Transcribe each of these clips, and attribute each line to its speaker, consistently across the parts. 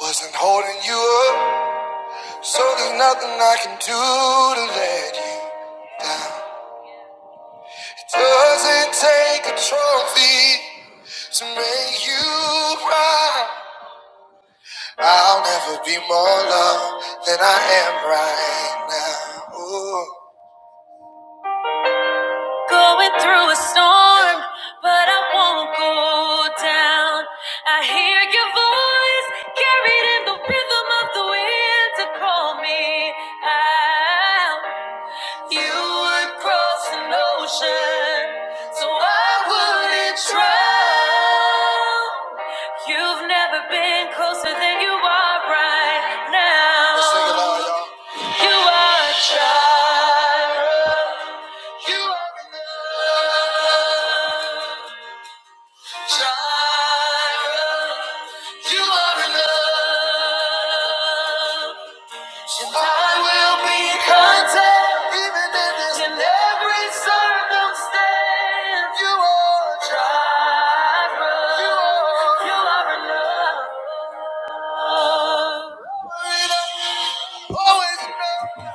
Speaker 1: Wasn't holding you up, so there's nothing I can do to let you down. It doesn't take a trophy to make you cry. I'll never be more loved than I am right now. Ooh. Going through a storm, but I won't go down. I hear your voice carried in the rhythm of the wind to call me out. You would cross an ocean, so I wouldn't drown. You've never been closer than you are right now. Let's sing it out, y'all. You are Jireh. You are enough. Jireh. You are enough. I will be content even in in every circumstance. You are a child. You are you are enough. Always enough.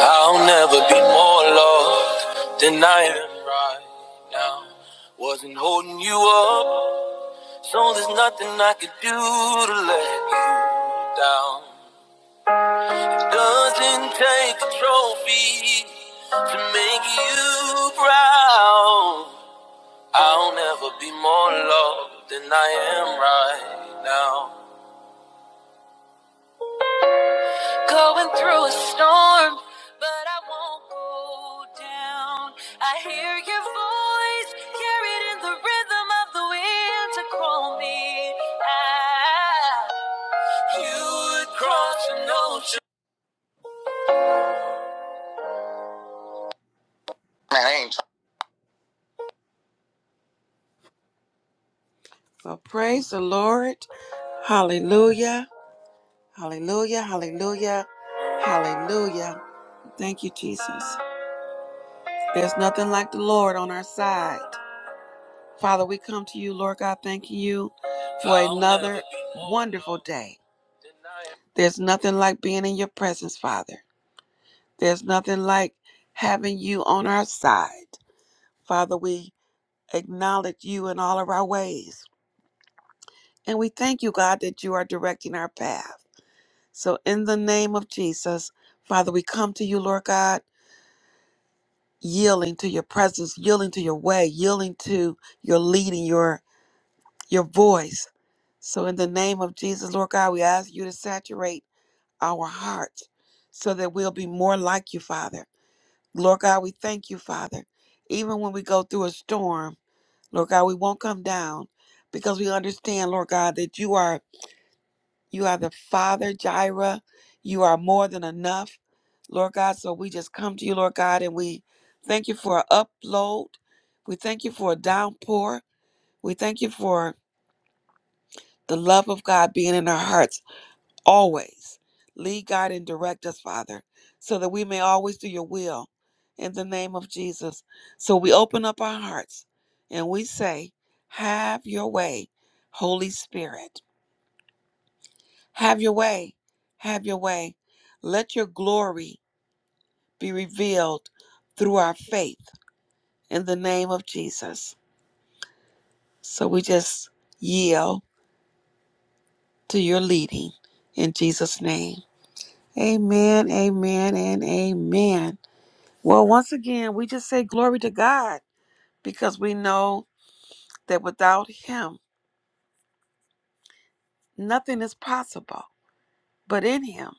Speaker 1: I'll never be more loved than I am right now. Wasn't holding you up, so there's nothing I could do to let you down. Doesn't take a trophy to make you proud. I'll never be more loved than I am right now. Going through a storm, but I won't go down. I hear your voice carried in the rhythm of the wind to call me out. You would cross an ocean. Well, praise the Lord. Hallelujah. Hallelujah, hallelujah, hallelujah. Thank you, Jesus. There's nothing like the Lord on our side. Father, we come to you, Lord God, thanking you for another wonderful day. There's nothing like being in your presence, Father. There's nothing like having you on our side. Father, we acknowledge you in all of our ways. And we thank you, God, that you are directing our path. So, in the name of Jesus, Father, we come to you, Lord God yielding to your presence, yielding to your way, yielding to your leading, your your voice. So in the name of Jesus, Lord God, we ask you to saturate our hearts so that we'll be more like you, Father. Lord God, we thank you, Father. Even when we go through a storm, Lord God, we won't come down because we understand, Lord God, that you are you are the Father, Jireh. You are more than enough, Lord God. So we just come to you, Lord God, and we thank you for an upload. We thank you for a downpour. We thank you for the love of God being in our hearts always. Lead, guide, and direct us, Father, so that we may always do your will in the name of Jesus. So we open up our hearts and we say, Have your way, Holy Spirit. Have your way. Have your way. Let your glory be revealed through our faith in the name of Jesus. So we just yield to your leading in Jesus' name. Amen, amen, and amen. Well, once again, we just say glory to God because we know that without Him, nothing is possible. But in Him,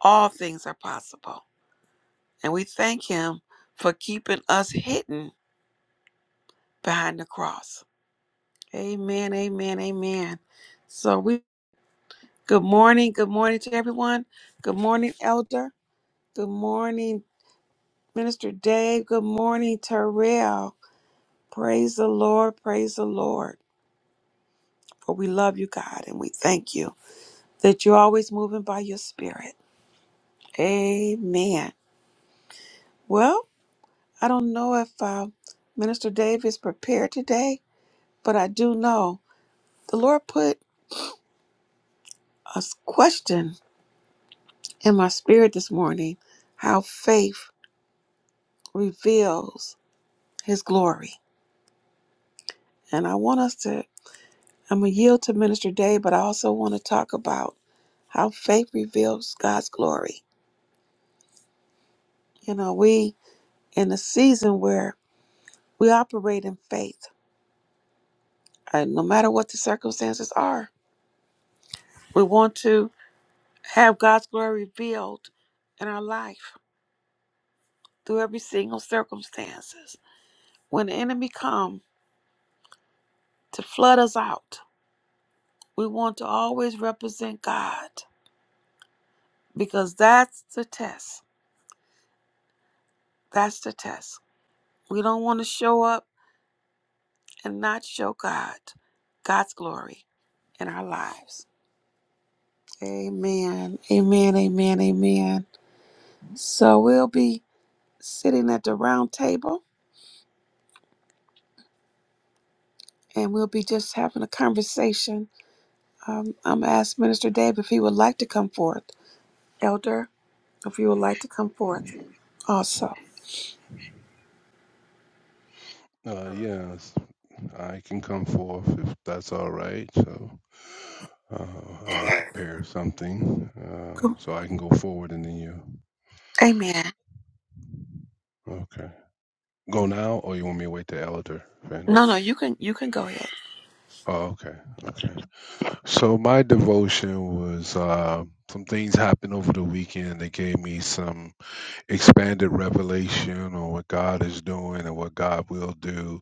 Speaker 1: all things are possible. And we thank Him for keeping us hidden behind the cross. Amen, amen, amen. So we good morning, good morning to everyone. Good morning, Elder. Good morning, Minister Dave. Good morning, Terrell. Praise the Lord, praise the Lord. For we love you, God, and we thank you that you're always moving by your spirit. Amen. Well, I don't know if uh, Minister Dave is prepared today, but I do know the Lord put a s- question in my spirit this morning how faith reveals his glory. And I want us to, I'm going to yield to Minister Day, but I also want to talk about how faith reveals God's glory. You know, we, in a season where we operate in faith, and no matter what the circumstances are, we want to have God's glory revealed in our life through every single circumstances. When the enemy come to flood us out, we want to always represent God because that's the test That's the test. We don't want to show up and not show God, God's glory in our lives. Amen. Amen. Amen. Amen. So we'll be sitting at the round table and we'll be just having a conversation. Um, I'm going to ask Minister Dave if he would like to come forth. Elder, if you would like to come forth also.
Speaker 2: Uh, yes, I can come forth if that's all right. So uh, I prepare something uh,
Speaker 1: Cool.
Speaker 2: so I can go forward and then you.
Speaker 1: Amen.
Speaker 2: Okay. Go now, or you want me to wait till Elder finish?
Speaker 1: No, no, you can you can go ahead.
Speaker 2: Oh, okay. Okay. So my devotion was uh, some things happened over the weekend that gave me some expanded revelation on what God is doing and what God will do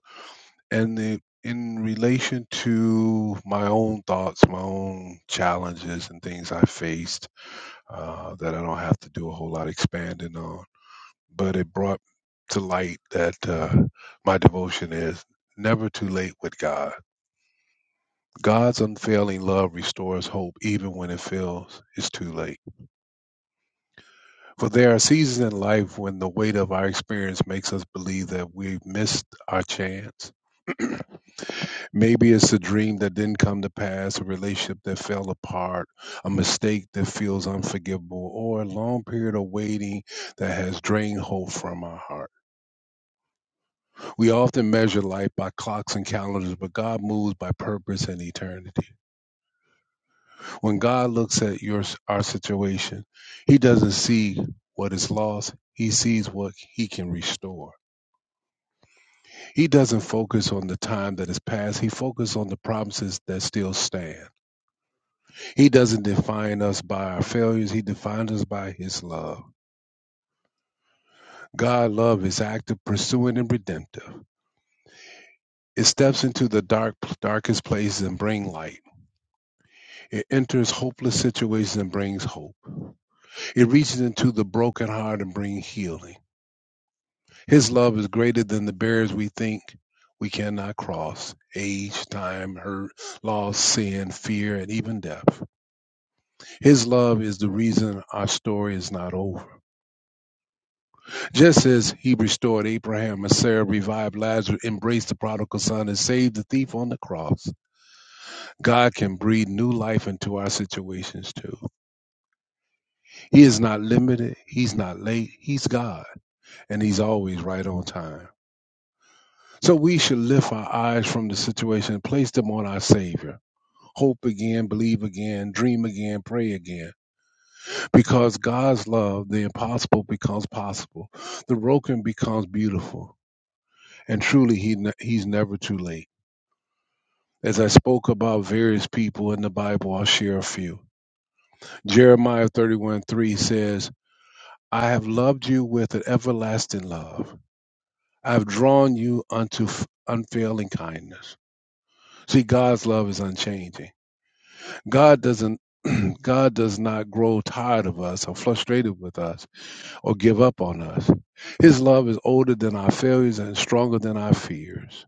Speaker 2: And the, in relation to my own thoughts, my own challenges and things I faced uh, that I don't have to do a whole lot expanding on, but it brought to light that uh, my devotion is never too late with God. God's unfailing love restores hope even when it feels it's too late. For there are seasons in life when the weight of our experience makes us believe that we've missed our chance. Maybe it's a dream that didn't come to pass, a relationship that fell apart, a mistake that feels unforgivable, or a long period of waiting that has drained hope from our heart. We often measure life by clocks and calendars, but God moves by purpose and eternity. When God looks at your our situation, he doesn't see what is lost. He sees what he can restore. He doesn't focus on the time that has passed. He focuses on the promises that still stand. He doesn't define us by our failures, He defines us by His love. God's love is active, pursuing, and redemptive. It steps into the dark, darkest places and brings light. It enters hopeless situations and brings hope. It reaches into the broken heart and brings healing. His love is greater than the barriers we think we cannot cross age, time, hurt, loss, sin, fear, and even death. His love is the reason our story is not over. Just as he restored Abraham and Sarah, revived Lazarus, embraced the prodigal son, and saved the thief on the cross, God can breathe new life into our situations too. He is not limited, He's not late, He's God, and He's always right on time. So we should lift our eyes from the situation and place them on our Savior. Hope again, believe again, dream again, pray again. Because God's love, the impossible becomes possible, the broken becomes beautiful, and truly, he, He's never too late. As I spoke about various people in the Bible, I'll share a few. Jeremiah 31 3 says, I have loved you with an everlasting love. I have drawn you unto f- unfailing kindness. See, God's love is unchanging. God doesn't God does not grow tired of us or frustrated with us or give up on us. His love is older than our failures and stronger than our fears.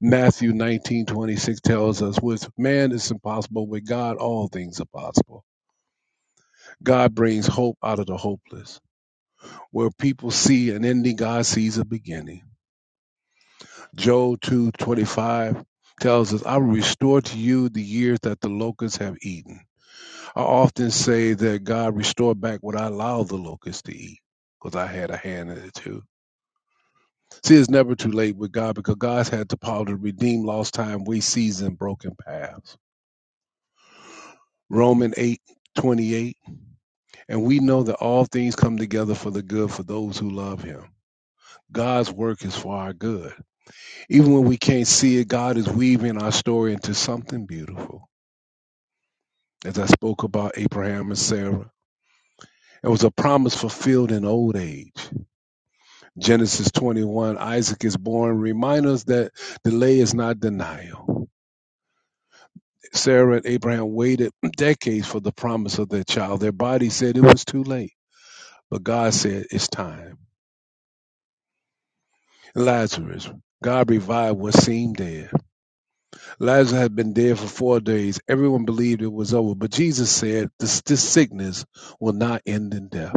Speaker 2: Matthew nineteen twenty six tells us, with man it's impossible, with God all things are possible. God brings hope out of the hopeless. Where people see an ending, God sees a beginning. Job 2:25 tells us, "I will restore to you the years that the locusts have eaten." I often say that God restored back what I allowed the locusts to eat. Because I had a hand in it too. See, it's never too late with God because God's had the power to redeem lost time, waste season, broken paths. Romans 8:28, And we know that all things come together for the good for those who love him. God's work is for our good. Even when we can't see it, God is weaving our story into something beautiful. As I spoke about Abraham and Sarah, it was a promise fulfilled in old age. Genesis 21, Isaac is born, remind us that delay is not denial. Sarah and Abraham waited decades for the promise of their child. Their body said it was too late, but God said it's time. Lazarus, God revived what seemed dead. Lazarus had been dead for four days. Everyone believed it was over, but Jesus said, this, this sickness will not end in death.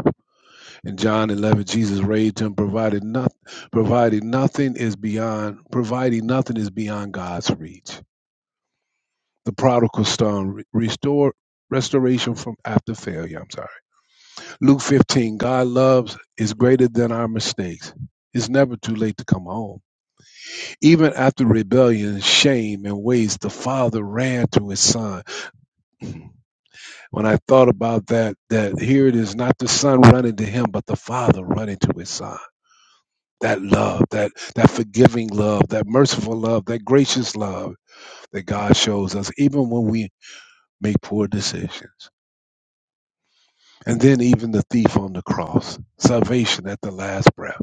Speaker 2: In John 11, Jesus raised him, provided nothing, provided nothing is beyond, providing nothing is beyond God's reach. The prodigal son re- restored restoration from after failure. I'm sorry. Luke 15, God loves is greater than our mistakes. It's never too late to come home. Even after rebellion, shame, and waste, the father ran to his son When I thought about that, that here it is not the son running to him, but the father running to his son. That love, that that forgiving love, that merciful love, that gracious love that God shows us, even when we make poor decisions. And then even the thief on the cross, salvation at the last breath.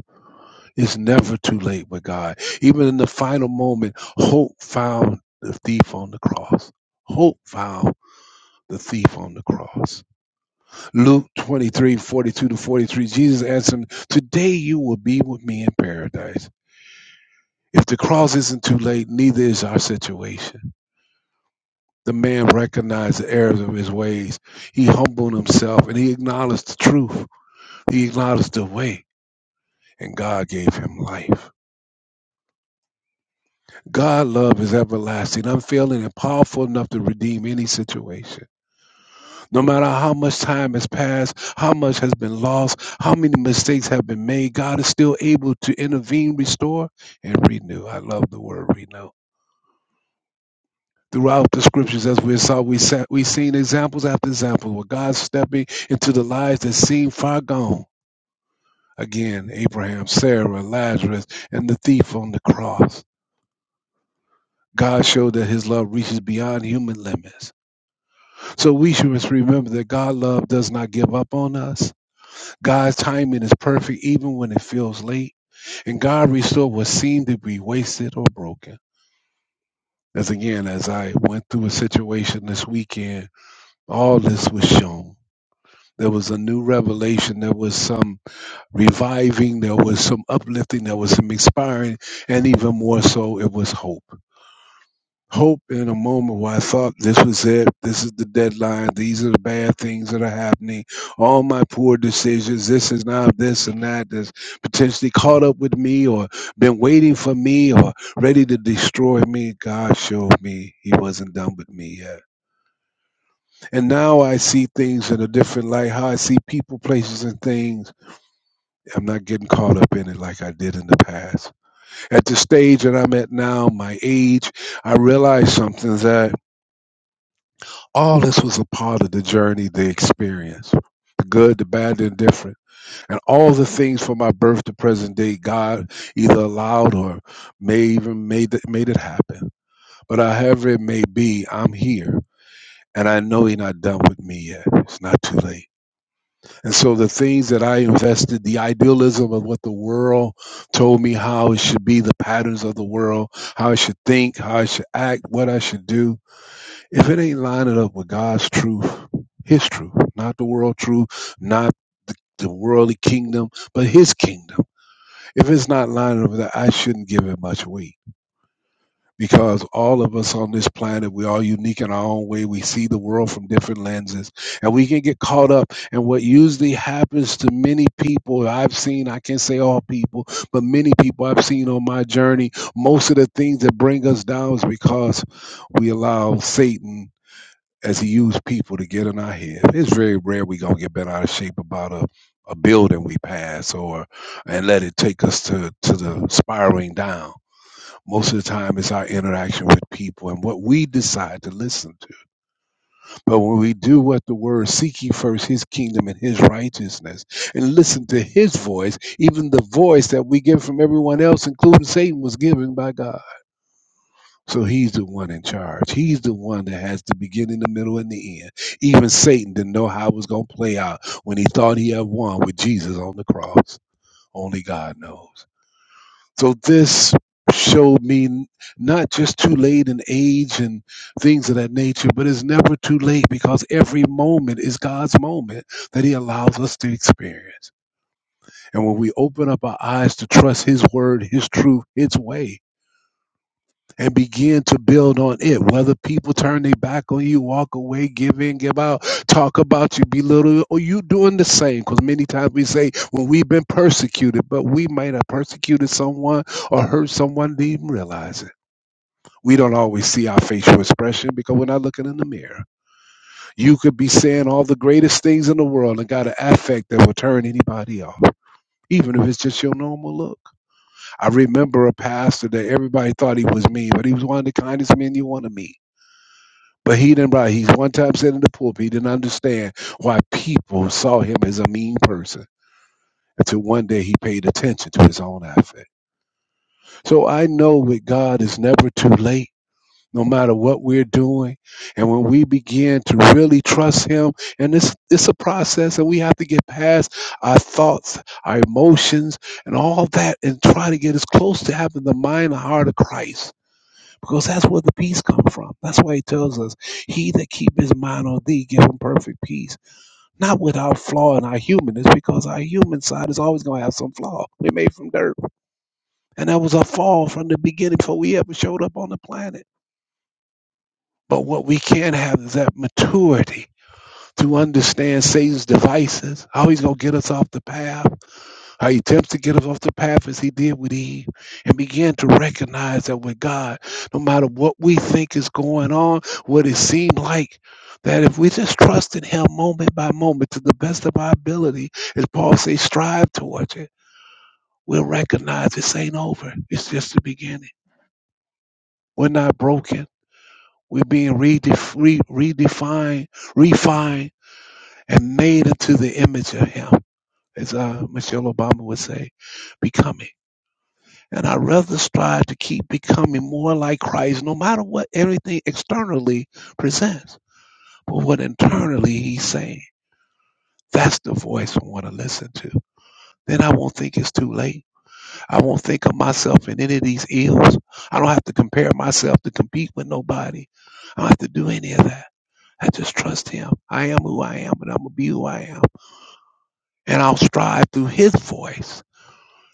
Speaker 2: It's never too late with God. Even in the final moment, hope found the thief on the cross. Hope found the thief on the cross Luke 23:42 to 43, Jesus answered him, Today you will be with me in paradise. If the cross isn't too late, neither is our situation. The man recognized the errors of his ways. He humbled himself and he acknowledged the truth. He acknowledged the way, and God gave him life. God's love is everlasting, unfailing, and powerful enough to redeem any situation. No matter how much time has passed, how much has been lost, how many mistakes have been made, God is still able to intervene, restore, and renew. I love the word renew. Throughout the scriptures, as we saw, we sa we seen examples after examples where God's stepping into the lives that seem far gone. Again, Abraham, Sarah, Lazarus, and the thief on the cross. God showed that his love reaches beyond human limits. So we should remember that God's love does not give up on us. God's timing is perfect even when it feels late, and God restores what seemed to be wasted or broken. As again, as I went through a situation this weekend, all this was shown. There was a new revelation, there was some reviving, there was some uplifting, there was some inspiring, and even more so, it was hope. hope in a moment where I thought this was it, this is the deadline, these are the bad things that are happening, all my poor decisions, this is now this and that that's potentially caught up with me or been waiting for me or ready to destroy me. God showed me he wasn't done with me yet. And now I see things in a different light, how I see people, places, and things. I'm not getting caught up in it like I did in the past. At the stage that I'm at now, my age, I realize something that All this was a part of the journey, the experience, the good, the bad, the indifferent, and all the things from my birth to present day. God either allowed or may even made it, made it happen. But however it may be, I'm here, and I know He's not done with me yet. It's not too late. And so the things that I invested, the idealism of what the world told me how it should be, the patterns of the world, how I should think, how I should act, what I should do if it ain't lining up with God's truth, His truth, not the world truth, not the worldly kingdom, but His kingdom. If it's not lining up with that, I shouldn't give it much weight because all of us on this planet, we're all unique in our own way. We see the world from different lenses and we can get caught up. And what usually happens to many people I've seen, I can't say all people, but many people I've seen on my journey, most of the things that bring us down is because we allow Satan as he used people to get in our head. It's very rare we gonna get bent out of shape about a, a building we pass or and let it take us to, to the spiraling down. Most of the time it's our interaction with people and what we decide to listen to. But when we do what the word seek ye first his kingdom and his righteousness and listen to his voice, even the voice that we get from everyone else, including Satan, was given by God so he's the one in charge. He's the one that has the beginning, the middle, and the end. Even Satan didn't know how it was going to play out when he thought he had won with Jesus on the cross. Only God knows. So this showed me n- not just too late in age and things of that nature, but it's never too late because every moment is God's moment that he allows us to experience. And when we open up our eyes to trust his word, his truth, his way, and begin to build on it. Whether people turn their back on you, walk away, give in, give out, talk about you, belittle you, or you doing the same. Because many times we say, well, we've been persecuted, but we might have persecuted someone or hurt someone, didn't even realize it. We don't always see our facial expression because we're not looking in the mirror. You could be saying all the greatest things in the world and got an affect that will turn anybody off, even if it's just your normal look. I remember a pastor that everybody thought he was mean, but he was one of the kindest men you want to meet But he didn't write. He's one time said in the pulpit, he didn't understand why people saw him as a mean person until one day he paid attention to his own effort. So I know with God it's never too late, no matter what we're doing. And when we begin to really trust him, and it's it's a process and we have to get past our thoughts, our emotions, and all that, and try to get as close to having the mind and heart of Christ because that's where the peace comes from. That's why he tells us, "He that keep his mind on thee, give him perfect peace." Not without flaw in our humanness, because our human side is always going to have some flaw. We're made from dirt, and that was a fall from the beginning before we ever showed up on the planet. But what we can have is that maturity to understand Satan's devices, how he's going to get us off the path, How he attempts to get us off the path as he did with Eve and began to recognize that with God, no matter what we think is going on, what it seemed like, that if we just trust in him moment by moment to the best of our ability, as Paul says, strive towards it, we'll recognize this ain't over. It's just the beginning. We're not broken. We're being redef- re- redefined, refined, and made into the image of him, as uh, Michelle Obama would say, becoming. And I rather strive to keep becoming more like Christ, no matter what everything externally presents, but what internally He's saying. That's the voice I want to listen to. Then I won't think it's too late. I won't think of myself in any of these ills. I don't have to compare myself to compete with nobody. I don't have to do any of that. I just trust Him. I am who I am, and I'm going to be who I am. And I'll strive through His voice,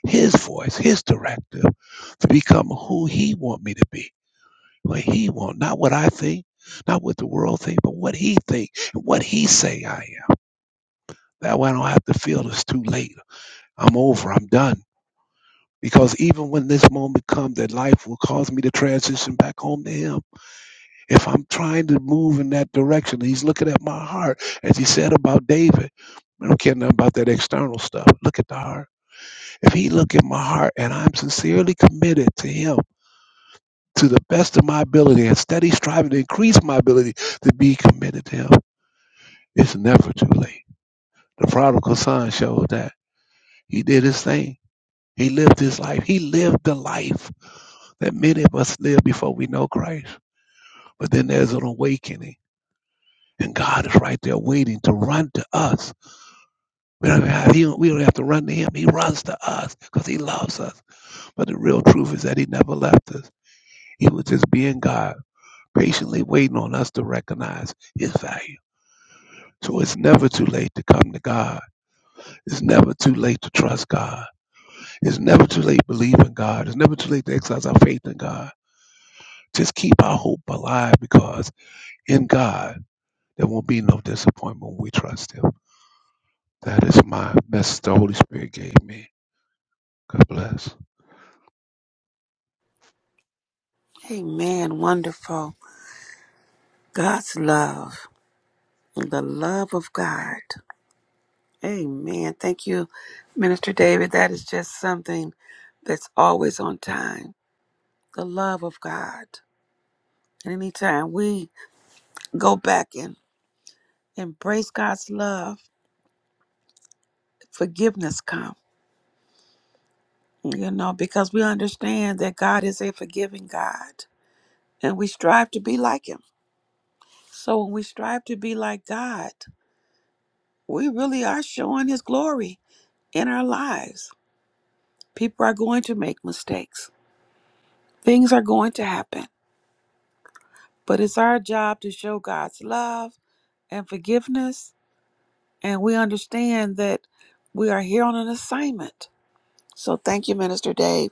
Speaker 2: His voice, His directive to become who He want me to be what he want, not what I think, not what the world think, but what he think and what he say I am. That way I don't have to feel it's too late. I'm over. I'm done. Because even when this moment comes, that life will cause me to transition back home to him. If I'm trying to move in that direction, he's looking at my heart, as he said about David. I don't care nothing about that external stuff. Look at the heart. If he look at my heart and I'm sincerely committed to him to the best of my ability and steady striving to increase my ability to be committed to him, It's never too late. The prodigal son showed that he did his thing. He lived his life. He lived the life that many of us live before we know Christ. But then there's an awakening, and God is right there waiting to run to us. We don't have, he, we don't have to run to him. He runs to us because he loves us. But the real truth is that he never left us. He was just being God, patiently waiting on us to recognize his value. So it's never too late to come to God. It's never too late to trust God. It's never too late to believe in God. It's never too late to exercise our faith in God. Just keep our hope alive because in God there won't be no disappointment when we trust Him. That is my message the Holy Spirit gave me. God bless.
Speaker 1: Amen. Wonderful. God's love. The love of God. Amen. Thank you, Minister David. That is just something that's always on time. The love of God. And anytime we go back and embrace God's love, forgiveness comes. You know, because we understand that God is a forgiving God and we strive to be like Him. So when we strive to be like God, we really are showing His glory in our lives. People are going to make mistakes Things are going to happen, but it's our job to show God's love and forgiveness, and we understand that we are here on an assignment. So thank you, Minister Dave.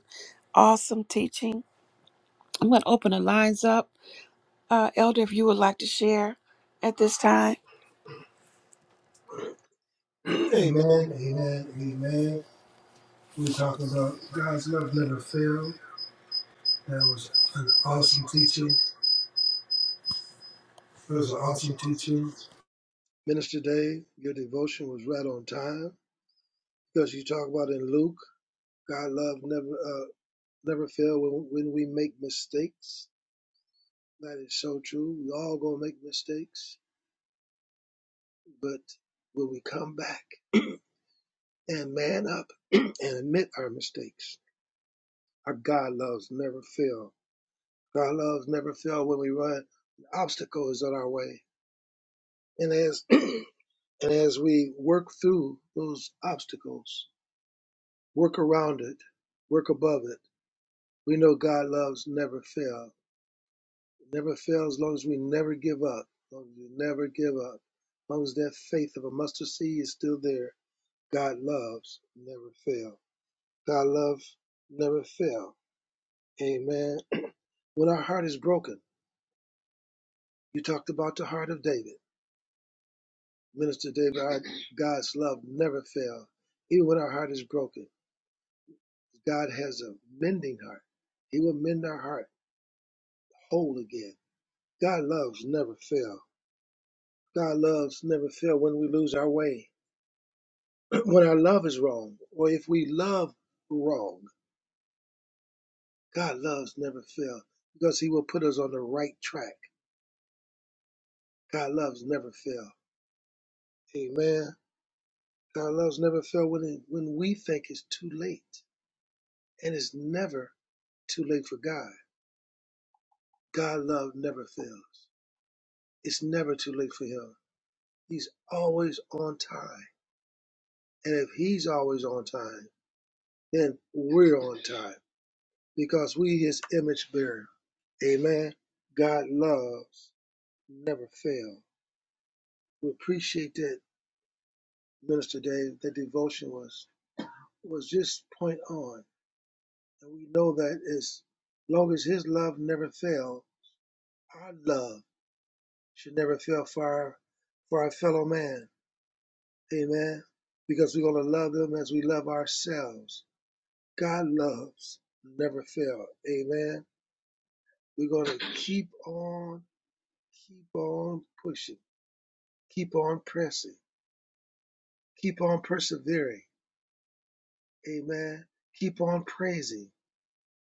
Speaker 1: Awesome teaching. I'm going to open the lines up. Uh, Elder, if you would like to share at this time.
Speaker 3: Amen, amen, amen. We talked about God's love never fail. That was awesome teaching. That was an awesome teaching. Minister Dave, your devotion was right on time because you talk about in Luke, God love never uh, never fail when, when we make mistakes. That is so true. We all gonna make mistakes, but when we come back and man up and admit our mistakes, our God loves never fail God loves never fail when we run. The Obstacle is in our way. And as and as we work through those obstacles, work around it, work above it, we know God loves never fail. Never fail as long as we never give up. As long as we never give up. As long as that faith of a mustard seed is still there, God loves never fail. God loves never fail. Amen. When our heart is broken, you talked about the heart of David. Minister David, our God's love never fails. Even when our heart is broken, God has a mending heart. He will mend our heart whole again. God loves never fail. God loves never fail when we lose our way, when our love is wrong, or if we love wrong. God loves never fail because he will put us on the right track. God loves never fail. Amen. God loves never fail when, it, when we think it's too late. And it's never too late for God. God's love never fails. It's never too late for him. He's always on time. And if he's always on time, then we're on time because we his image bearer. Amen. God loves never fail. We appreciate that, Minister Dave, that devotion was was just point on. And we know that as long as his love never fail, our love should never fail for our for our fellow man Amen. Because we're going to love them as we love ourselves. God loves, never fail. Amen. We're going to keep on, keep on pushing, keep on pressing, keep on persevering. Amen. Keep on praising,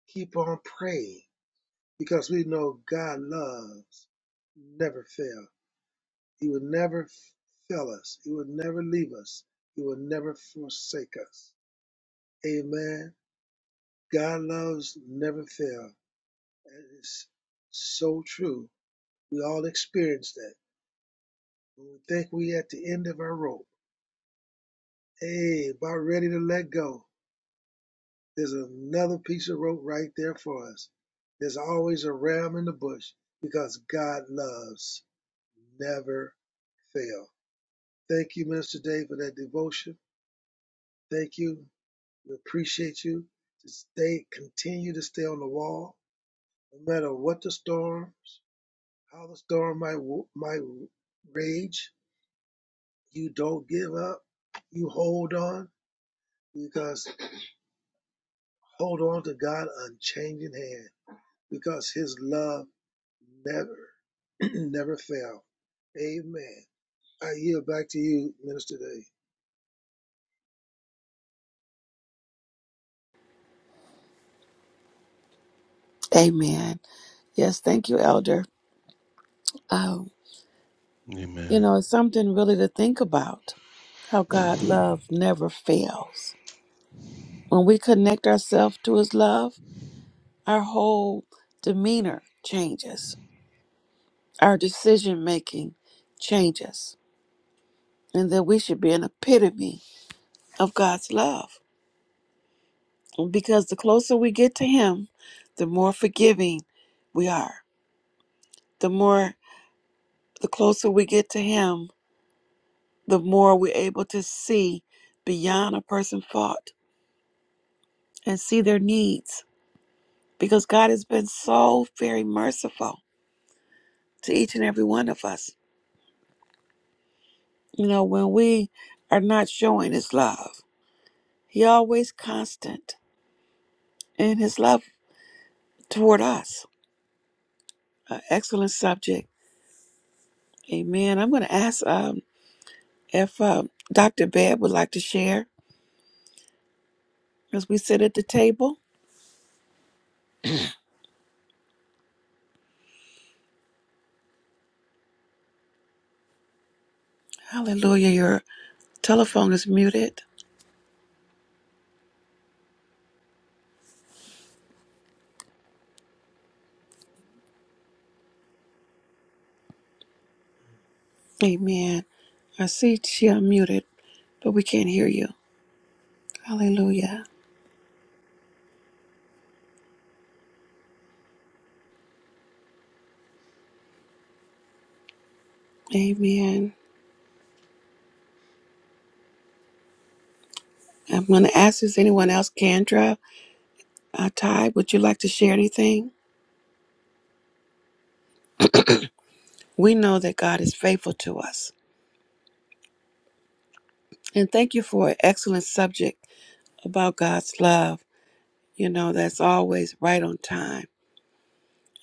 Speaker 3: keep on praying, because we know God loves, never fail. He will never fail us, He will never leave us, He will never forsake us. Amen. God loves, never fail That is so true. We all experience that. When we think we at the end of our rope, hey, about ready to let go, there's another piece of rope right there for us. There's always a ram in the bush because God loves never fail. Thank you, Minister Dave, for that devotion. Thank you. We appreciate you. To stay, continue to stay on the wall, no matter what the storms, how the storm might might rage You don't give up. You hold on because hold on to God unchanging hand because his love never never fail. Amen. I yield back to you, Minister Dave.
Speaker 1: Amen. Yes, thank you, Elder. Um, you
Speaker 2: Amen.
Speaker 1: know, it's something really to think about how God love never fails. When we connect ourselves to his love, Our whole demeanor changes, our decision making changes, and that we should be an epitome of God's love. Because the closer we get to Him, the more forgiving we are. The more, the closer we get to Him, the more we're able to see beyond a person's fault and see their needs. Because God has been so very merciful to each and every one of us. You know, when we are not showing His love, He always constant in his love toward us. An excellent subject. Amen. I'm going to ask um, if um, Dr. Babb would like to share as we sit at the table. Hallelujah. Your telephone is muted. Amen. I see she unmuted, but we can't hear you. Hallelujah. Amen. I'm going to ask if anyone else, Kendra, uh, Ty, would you like to share anything? We know that God is faithful to us. And thank you for an excellent subject about God's love, you know, that's always right on time.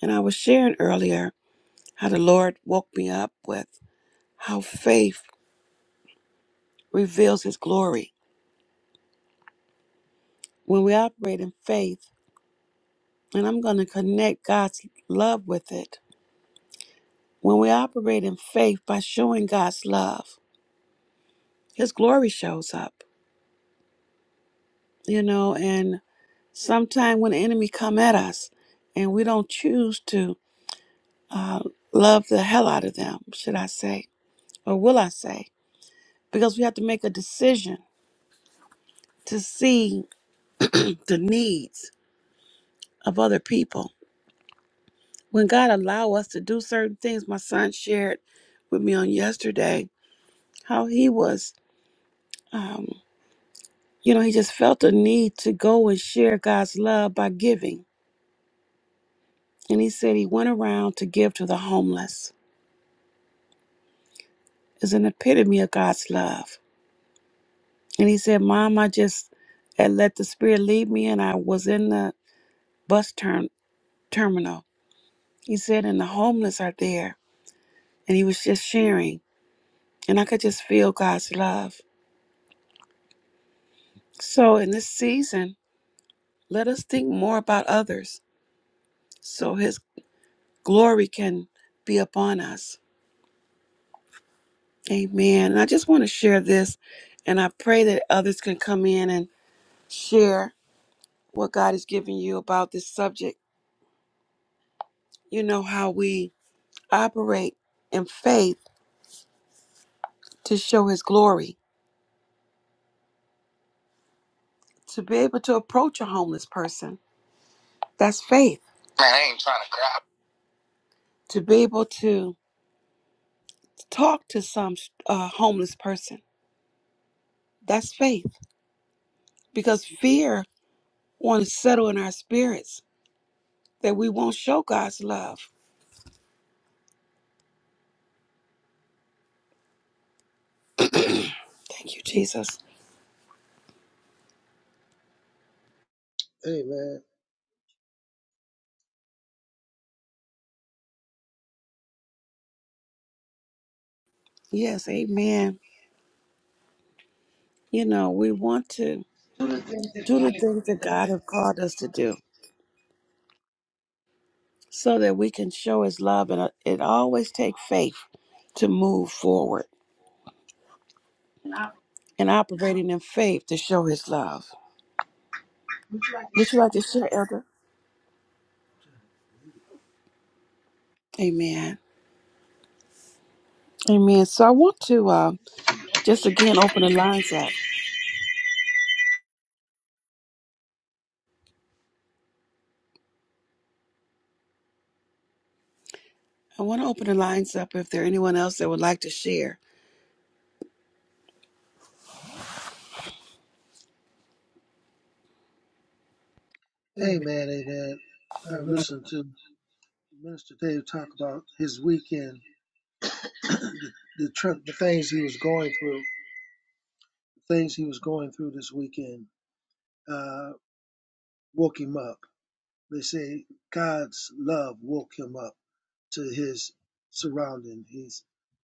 Speaker 1: And I was sharing earlier how the Lord woke me up with how faith reveals His glory. When we operate in faith, and I'm going to connect God's love with it, when we operate in faith by showing God's love, His glory shows up, you know, and sometimes when the enemy come at us and we don't choose to uh, love the hell out of them, should I say, or will I say, because we have to make a decision to see the needs of other people. When God allow us to do certain things, my son shared with me on yesterday how he was, um, you know, he just felt the need to go and share God's love by giving. And he said he went around to give to the homeless. It's an epitome of God's love. And he said, Mom, I just had let the Spirit lead me, and I was in the bus term- terminal. He said, and the homeless are there and he was just sharing. And I could just feel God's love. So in this season, let us think more about others so his glory can be upon us. Amen. And I just want to share this, and I pray that others can come in and share what God has given you about this subject. You know how we operate in faith to show his glory, to be able to approach a homeless person. That's faith. To be able to Talk to some uh, homeless person. That's faith because fear wants to settle in our spirits that we won't show God's love. Thank you, Jesus.
Speaker 3: Amen.
Speaker 1: Yes, amen. You know, we want to do the things that God has called us to do so that we can show his love. And uh, it always takes faith to move forward and operating in faith to show his love. Would you like to share, Elder? Amen. Amen. So I want to uh, just again open the lines up. I want to open the lines up if there anyone else that would like to share.
Speaker 3: Amen. Amen. I've listened to Minister Dave talk about his weekend, the, the, tr- the things he was going through, the things he was going through this weekend uh, woke him up. They say God's love woke him up. to his surrounding. He's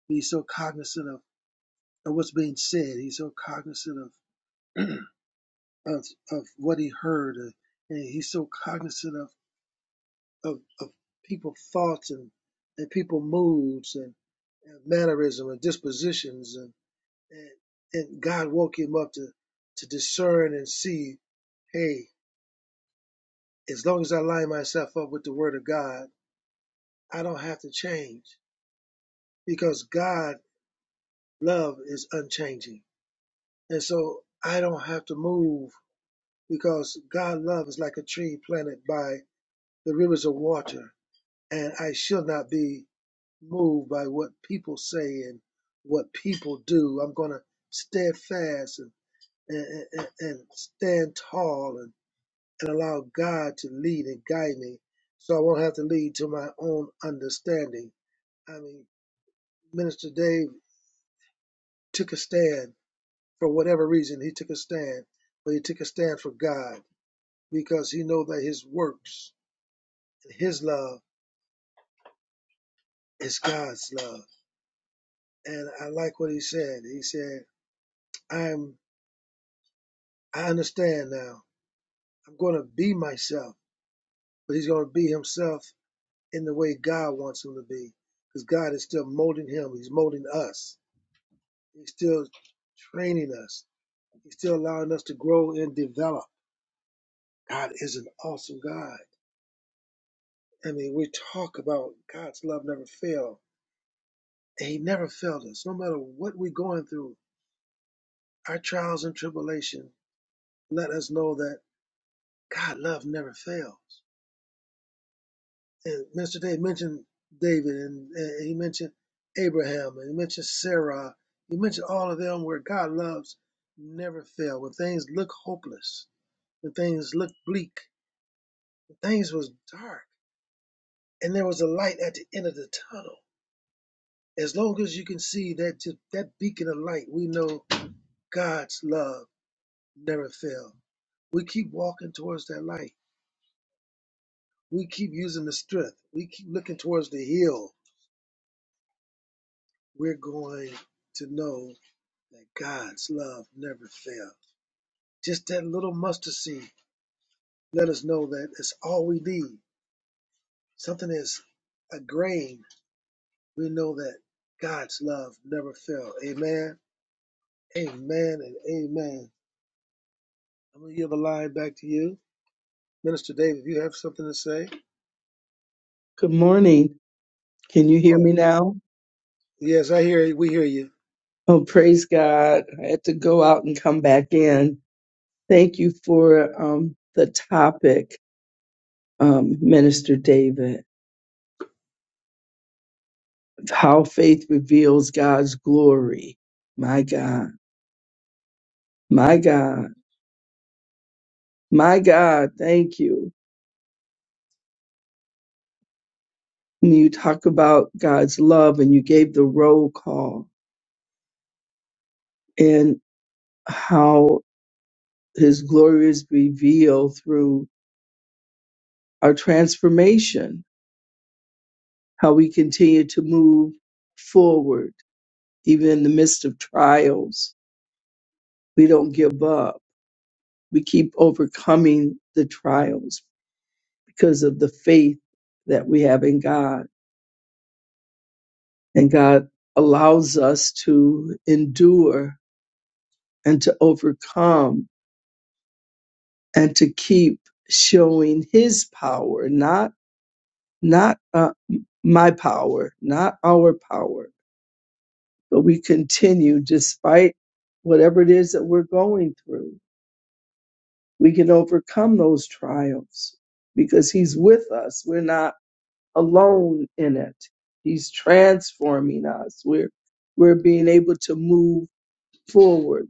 Speaker 3: he's so cognizant of, of what's being said. He's so cognizant of of of what he heard, uh, and he's so cognizant of of, of people thoughts and and people moods and, and mannerism and dispositions and, and and God woke him up to to discern and see, hey, as long as I line myself up with the Word of God, I don't have to change because God love is unchanging. And so I don't have to move because God love is like a tree planted by the rivers of water. And I shall not be moved by what people say and what people do. I'm going to steadfast and, and, and, and stand tall and, and allow God to lead and guide me. So I won't have to lead to my own understanding. I mean, Minister Dave took a stand for whatever reason. He took a stand, but he took a stand for God because he know that his works, his love is God's love. And I like what he said. He said, I'm I understand now. I'm gonna be myself, but he's gonna be himself in the way God wants him to be. Because God is still molding him, he's molding us. He's still training us. He's still allowing us to grow and develop. God is an awesome God. I mean, we talk about God's love never fails. And he never failed us, no matter what we're going through our trials and tribulation let us know that God love never fails. And Mr. Dave mentioned David and, and he mentioned Abraham and he mentioned Sarah. He mentioned all of them where God loves never fail. When things look hopeless, when things look bleak, when things was dark, and there was a light at the end of the tunnel. As long as you can see that ju- that beacon of light, we know God's love never fails. We keep walking towards that light we keep using the strength, we keep looking towards the hill, we're going to know that God's love never fails. Just that little mustard seed let us know that it's all we need. Something is a grain, we know that God's love never fails. Amen, amen, and amen. I'm going to give a line back to you. Minister David, you have something to say?
Speaker 4: Good morning. Can you hear
Speaker 3: Oh,
Speaker 4: me now?
Speaker 3: yes, I hear you. We hear you.
Speaker 4: Oh, praise God. I had to go out and come back in. Thank you for um, the topic, um, Minister David. How faith reveals God's glory. My God, my God, my God, thank you. When you talk about God's love and you gave the roll call and how his glory is revealed through our transformation how we continue to move forward, even in the midst of trials. We don't give up. We keep overcoming the trials because of the faith that we have in God. And God allows us to endure and to overcome and to keep showing His power, not, not, uh, my power, not our power, but we continue despite whatever it is that we're going through we can overcome those trials because he's with us we're not alone in it he's transforming us we're we're being able to move forward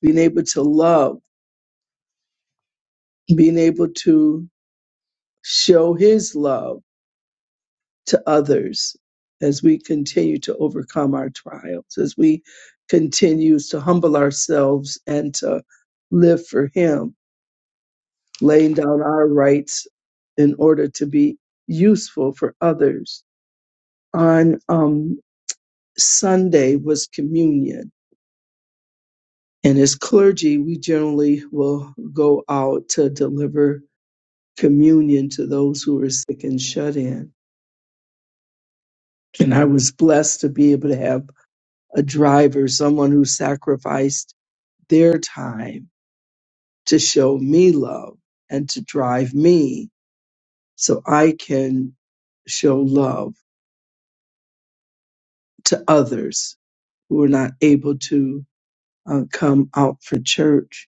Speaker 4: being able to love being able to show his love to others as we continue to overcome our trials as we continue to humble ourselves and to live for him laying down our rights in order to be useful for others. On um, Sunday was communion, and as clergy, we generally will go out to deliver communion to those who are sick and shut in. And I was blessed to be able to have a driver, someone who sacrificed their time to show me love and to drive me so I can show love to others who were not able to uh, come out for church.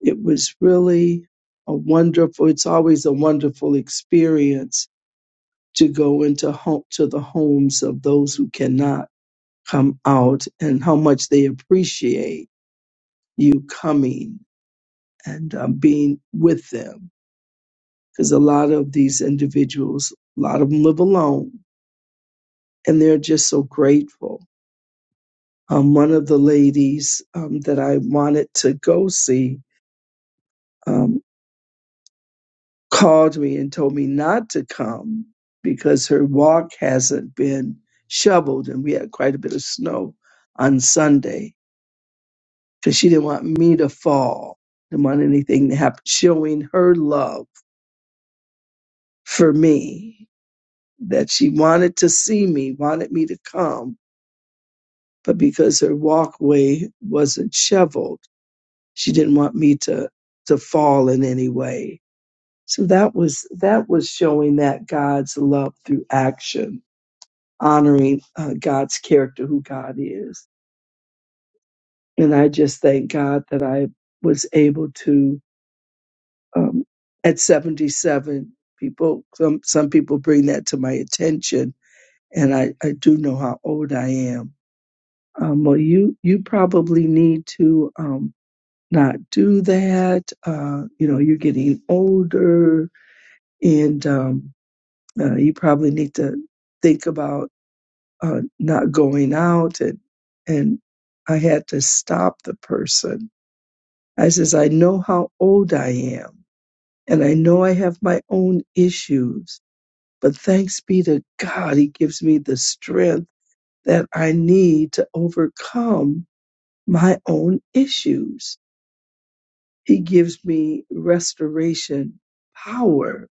Speaker 4: It was really a wonderful. It's always a wonderful experience to go into home to the homes of those who cannot come out, and how much they appreciate you coming and um, being with them. Because a lot of these individuals, a lot of them live alone, and they're just so grateful. Um, one of the ladies um, that I wanted to go see um, called me and told me not to come because her walk hasn't been shoveled and we had quite a bit of snow on Sunday because she didn't want me to fall, didn't want anything to happen, showing her love for me that she wanted to see me, wanted me to come, but because her walkway wasn't shoveled, she didn't want me to to fall in any way. So that was that was showing that God's love through action honoring uh, God's character, who God is. And I just thank God that I was able to, um, at 77, people, some, some people bring that to my attention. And I, I do know how old I am. Um, well, you, you probably need to, um, not do that. Uh, you know, you're getting older and, um, uh, you probably need to think about uh, not going out and and I had to stop the person. I says, I know how old I am and I know I have my own issues, but thanks be to God, He gives me the strength that I need to overcome my own issues. He gives me restoration power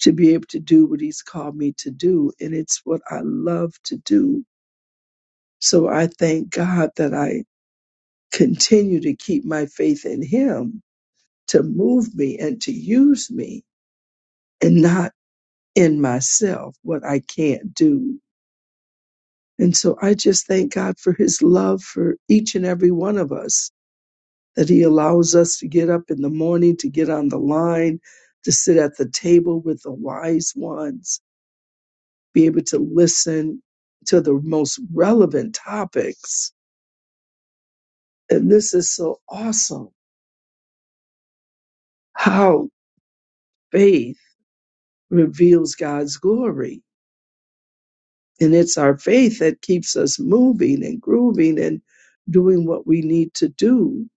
Speaker 4: to be able to do what He's called me to do. And it's what I love to do. So I thank God that I continue to keep my faith in him to move me and to use me and not in myself what I can't do. And so I just thank God for his love for each and every one of us that he allows us to get up in the morning, to get on the line, to sit at the table with the wise ones, be able to listen to the most relevant topics. And this is so awesome how faith reveals God's glory And it's our faith that keeps us moving and grooving and doing what we need to do.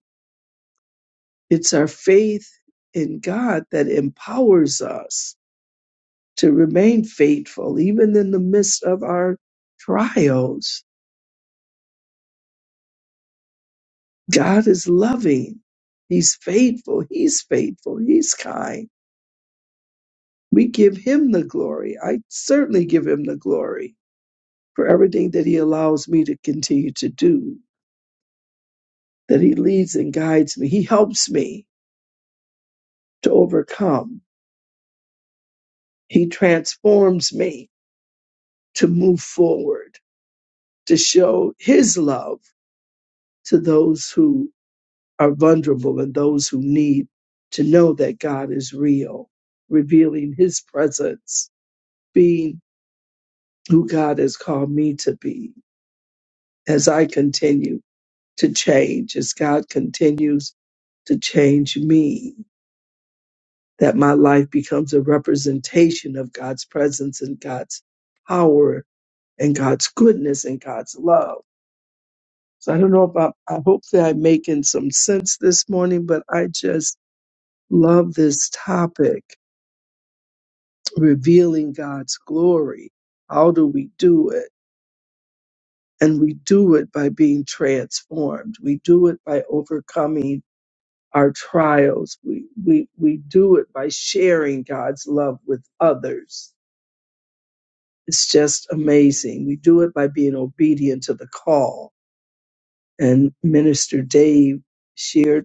Speaker 4: It's our faith in God that empowers us to remain faithful, even in the midst of our trials. God is loving. He's faithful. He's faithful. He's kind. We give him the glory. I certainly give him the glory for everything that he allows me to continue to do, that he leads and guides me. He helps me to overcome. He transforms me to move forward, to show His love to those who are vulnerable and those who need to know that God is real, revealing His presence, being who God has called me to be as I continue to change, as God continues to change me, that my life becomes a representation of God's presence and God's power and God's goodness and God's love. So I don't know if I'm, I hope that I'm making some sense this morning, but I just love this topic, revealing God's glory. How do we do it? And we do it by being transformed. We do it by overcoming our trials. We, we, we do it by sharing God's love with others. It's just amazing. We do it by being obedient to the call. And Minister Dave shared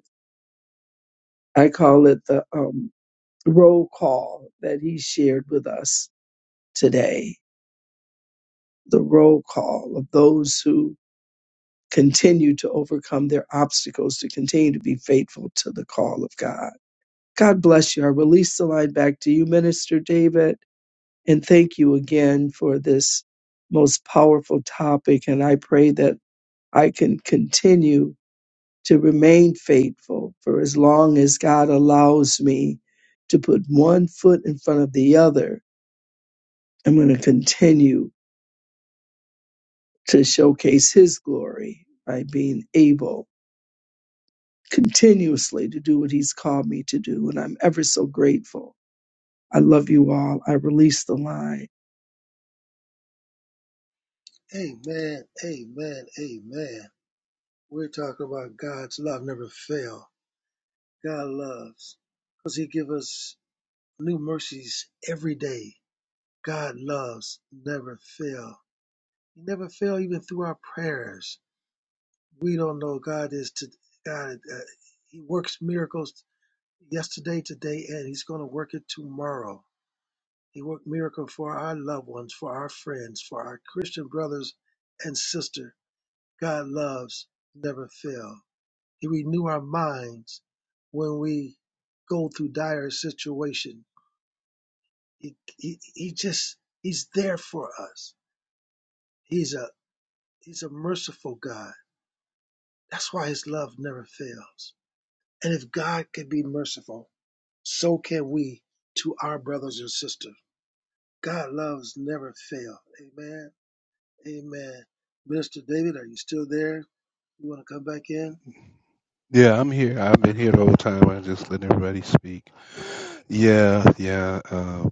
Speaker 4: I call it the um, roll call that he shared with us today, the roll call of those who continue to overcome their obstacles, to continue to be faithful to the call of God. God bless you. I release the line back to you, Minister David, and thank you again for this most powerful topic. And I pray that I can continue to remain faithful for as long as God allows me to put one foot in front of the other. I'm going to continue to showcase His glory by being able continuously to do what He's called me to do. And I'm ever so grateful. I love you all. I release the line.
Speaker 3: Amen, amen, amen. We're talking about God's love never fail. God loves because He give us new mercies every day. God loves never fail. He never fail even through our prayers. We don't know God is to God. Uh, he works miracles yesterday, today, and He's going to work it tomorrow. He worked miracle for our loved ones, for our friends, for our Christian brothers and sister. God loves never fail. He renew our minds when we go through dire situation. He, he, he just he's there for us. He's a he's a merciful God. That's why his love never fails. And if God can be merciful, so can we to our brothers and sisters. God loves never fail. Amen. Amen. Minister David, are you still there? You want to come back in?
Speaker 2: Yeah, I'm here. I've been here the whole time. I just let everybody speak. Yeah, yeah. Uh,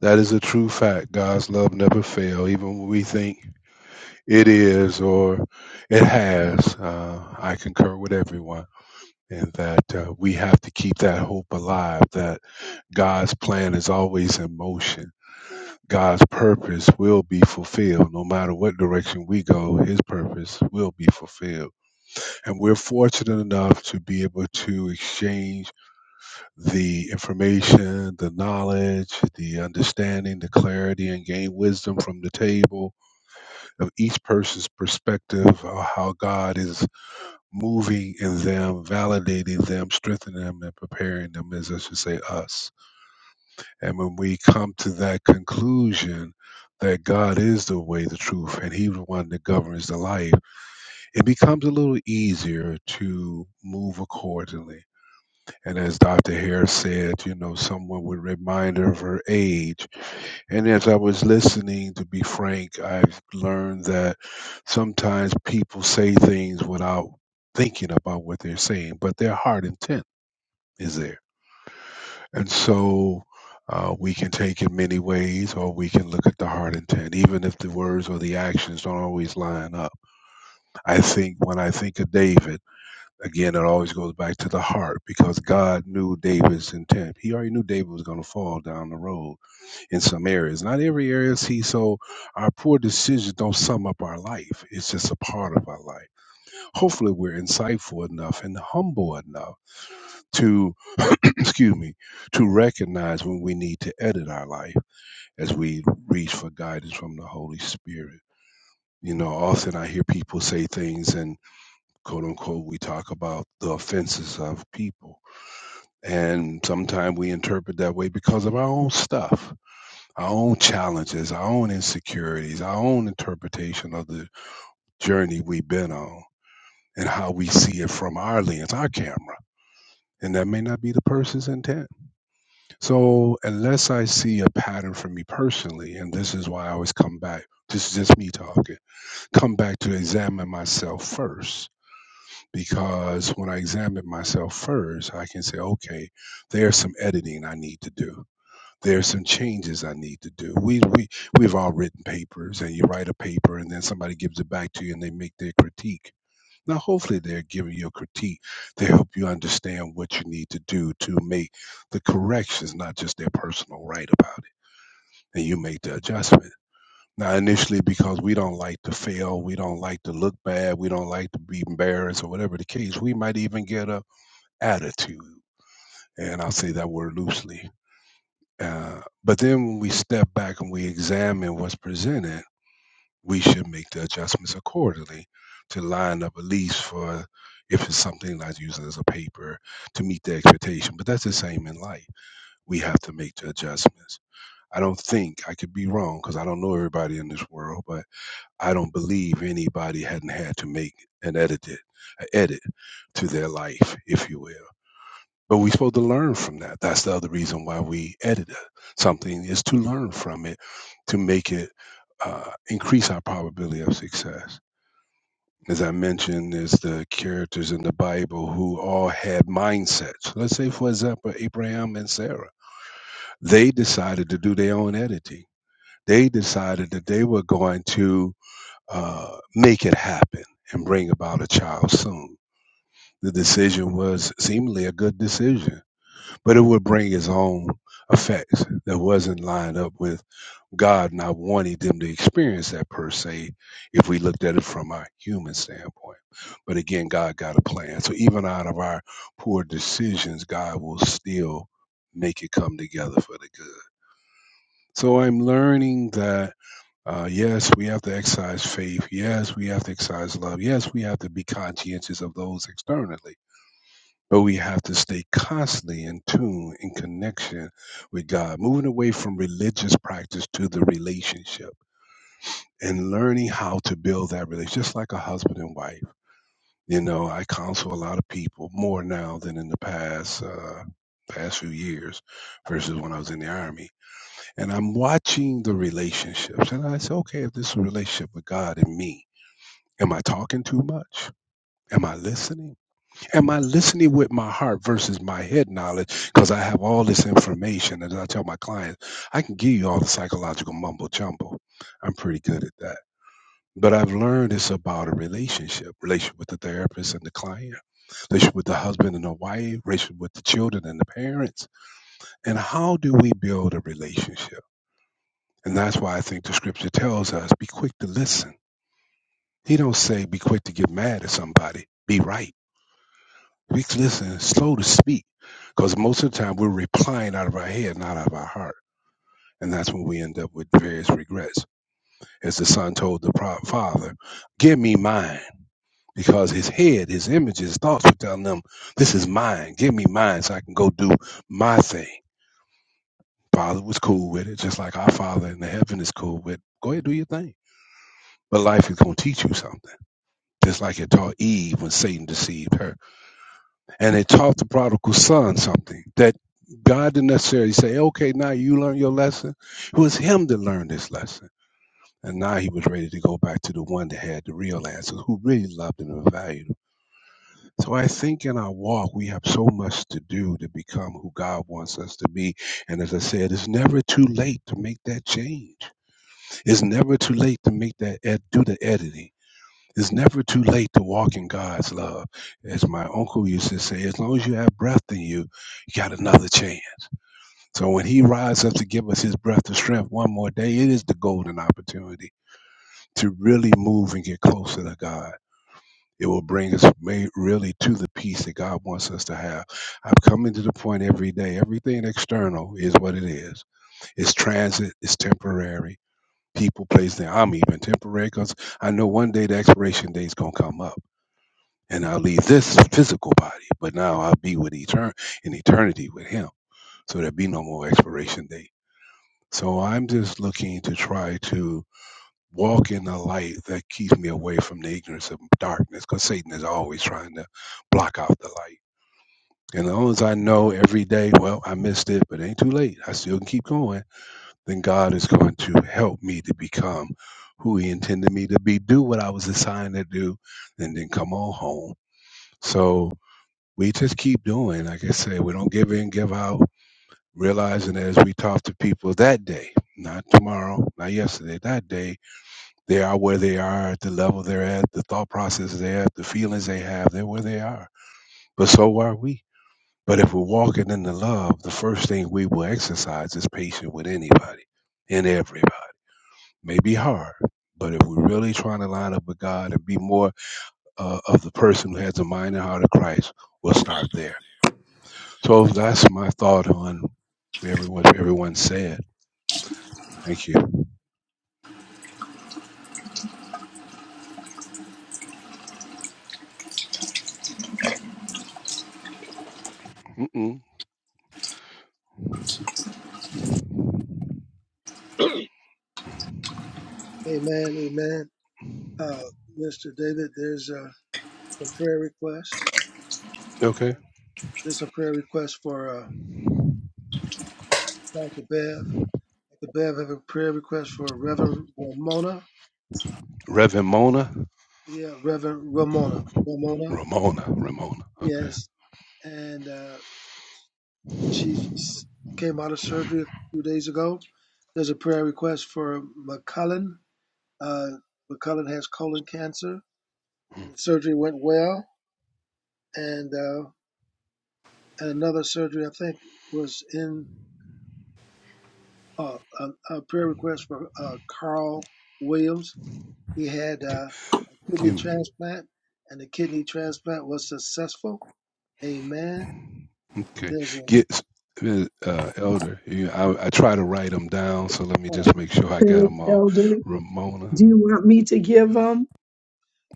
Speaker 2: that is a true fact. God's love never fails, even when we think it is or it has. Uh, I concur with everyone. and that uh, we have to keep that hope alive that God's plan is always in motion. God's purpose will be fulfilled. No matter what direction we go, his purpose will be fulfilled. And we're fortunate enough to be able to exchange the information, the knowledge, the understanding, the clarity, and gain wisdom from the table of each person's perspective of how God is moving in them, validating them, strengthening them, and preparing them is, I should say, us. And when we come to that conclusion that God is the way, the truth, and He's the one that governs the life, it becomes a little easier to move accordingly and as Dr. Hare said, you know, someone would remind her of her age. And as I was listening, to be frank, I've learned that sometimes people say things without thinking about what they're saying, but their heart intent is there. And so uh, we can take it many ways, or we can look at the heart intent, even if the words or the actions don't always line up. I think when I think of David, Again, it always goes back to the heart because God knew David's intent. He already knew David was going to fall down the road in some areas. Not every area See, So our poor decisions don't sum up our life. It's just a part of our life. Hopefully we're insightful enough and humble enough to, excuse me, to recognize when we need to edit our life as we reach for guidance from the Holy Spirit. You know, often I hear people say things and quote unquote, we talk about the offenses of people. And sometimes we interpret that way because of our own stuff, our own challenges, our own insecurities, our own interpretation of the journey we've been on and how we see it from our lens, our camera. And that may not be the person's intent. So, unless I see a pattern for me personally, and this is why I always come back, this is just me talking, come back to examine myself first. Because when I examine myself first, I can say, okay, there's some editing I need to do there's some changes I need to do. We we we've all written papers, and you write a paper, and then somebody gives it back to you, and they make their critique. Now, hopefully, they're giving you a critique to help you understand what you need to do to make the corrections, not just their personal right about it, and you make the adjustment. Now, initially, because we don't like to fail, we don't like to look bad, we don't like to be embarrassed, or whatever the case, we might even get a attitude, and I'll say that word loosely uh, but then when we step back and we examine what's presented, we should make the adjustments accordingly to line up at least for if it's something like using as a paper to meet the expectation. But that's the same in life. We have to make the adjustments. I don't think I could be wrong because I don't know everybody in this world, but I don't believe anybody hadn't had to make an edit, an edit to their life, if you will. But we're supposed to learn from that. That's the other reason why we edit it. something is to learn from it, to make it uh, increase our probability of success. As I mentioned, there's the characters in the Bible who all had mindsets. Let's say, for example, Abraham and Sarah. They decided to do their own editing. They decided that they were going to uh, make it happen and bring about a child soon. The decision was seemingly a good decision but it would bring its own effects that wasn't lined up with God not wanting them to experience that per se, if we looked at it from a human standpoint. But again, God got a plan. So even out of our poor decisions, God will still make it come together for the good. So I'm learning that uh, yes, we have to exercise faith. Yes, we have to exercise love. Yes, we have to be conscientious of those externally but we have to stay constantly in tune, in connection with God, moving away from religious practice to the relationship and learning how to build that relationship, just like a husband and wife. You know, I counsel a lot of people more now than in the past. Uh, past few years versus when I was in the army. And I'm watching the relationships and I say, okay, if this is a relationship with God and me, am I talking too much? Am I listening? Am I listening with my heart versus my head knowledge? Because I have all this information. And as I tell my clients, I can give you all the psychological mumbo jumbo. I'm pretty good at that. But I've learned it's about a relationship, relationship with the therapist and the client, relationship with the husband and the wife, relationship with the children and the parents. And how do we build a relationship? And that's why I think the scripture tells us be quick to listen. He don't say be quick to get mad at somebody. Be right We can listen, slow to speak, because most of the time we're replying out of our head, not out of our heart. And that's when we end up with various regrets. As the son told the pro- father, Give me mine, because his head, his images, his thoughts were telling him, This is mine. Give me mine so I can go do my thing. Father was cool with it, just like our Father in the heaven is cool with Go ahead, do your thing. But life is going to teach you something, just like it taught Eve when Satan deceived her and it taught the prodigal son something that God didn't necessarily say, okay, now you learn your lesson. It was him that learned this lesson. And now he was ready to go back to the one that had the real answer, who really loved him and valued him. So I think in our walk, we have so much to do to become who God wants us to be. And as I said, it's never too late to make that change. It's never too late to make that, ed- do the editing it's never too late to walk in God's love. As my uncle used to say, as long as you have breath in you, you got another chance. So when he rises up to give us his breath of strength one more day, it is the golden opportunity to really move and get closer to God. It will bring us ma- really to the peace that God wants us to have. I'm coming to the point every day. Everything external is what it is. It's transit. It's temporary. People, place. Now I'm even temporary because I know one day the expiration date is gonna come up and I'll leave this physical body, but now I'll be with etern- in eternity with him. So there'll be no more expiration date. So I'm just looking to try to walk in the light that keeps me away from the ignorance of darkness, because Satan is always trying to block out the light. And as long as I know every day, well, I missed it, but it ain't too late. I still can keep going. Then God is going to help me to become who He intended me to be, do what I was assigned to do, and then come on home. So we just keep doing. Like I say, we don't give in, give out, realizing as we talk to people that day, not tomorrow, not yesterday, that day, they are where they are at the level they're at, the thought process they're at, the feelings they have, they're where they are. But so are we. But if we're walking in the love, the first thing we will exercise is patience with anybody and everybody. It May be hard. But if we're really trying to line up with God and be more uh, of the person who has the mind and heart of Christ, we'll start there So that's my thought on everyone everyone said. Thank you. Mm-mm.
Speaker 3: Amen. Amen. Uh, Minister David, there's uh, some prayer requests.
Speaker 2: Okay.
Speaker 3: Uh, There's a prayer request for uh, uh, Dr. Bev. Dr. Bev have a prayer request for Reverend Ramona.
Speaker 2: Reverend Mona.
Speaker 3: Yeah, Reverend Ramona. Ramona,
Speaker 2: Ramona. Ramona. Okay.
Speaker 3: yes. And uh, she
Speaker 5: I
Speaker 3: just came out of surgery a few days ago. There's a prayer request for McCullen. Uh, McCullen has colon cancer, and the surgery went well. And, uh, and another surgery, I think, was in uh, a, a prayer request for uh, Carl Williams He had
Speaker 2: Okay.
Speaker 3: uh, a kidney
Speaker 2: Kim.
Speaker 3: transplant, and the kidney transplant was successful. Amen.
Speaker 2: Okay.
Speaker 3: There's a
Speaker 2: Get uh, Elder. You, I, I try to write them down, so let me
Speaker 3: oh
Speaker 2: just make sure I got
Speaker 4: Philip
Speaker 2: them all.
Speaker 4: Elder,
Speaker 2: Ramona.
Speaker 4: do you want me to give them?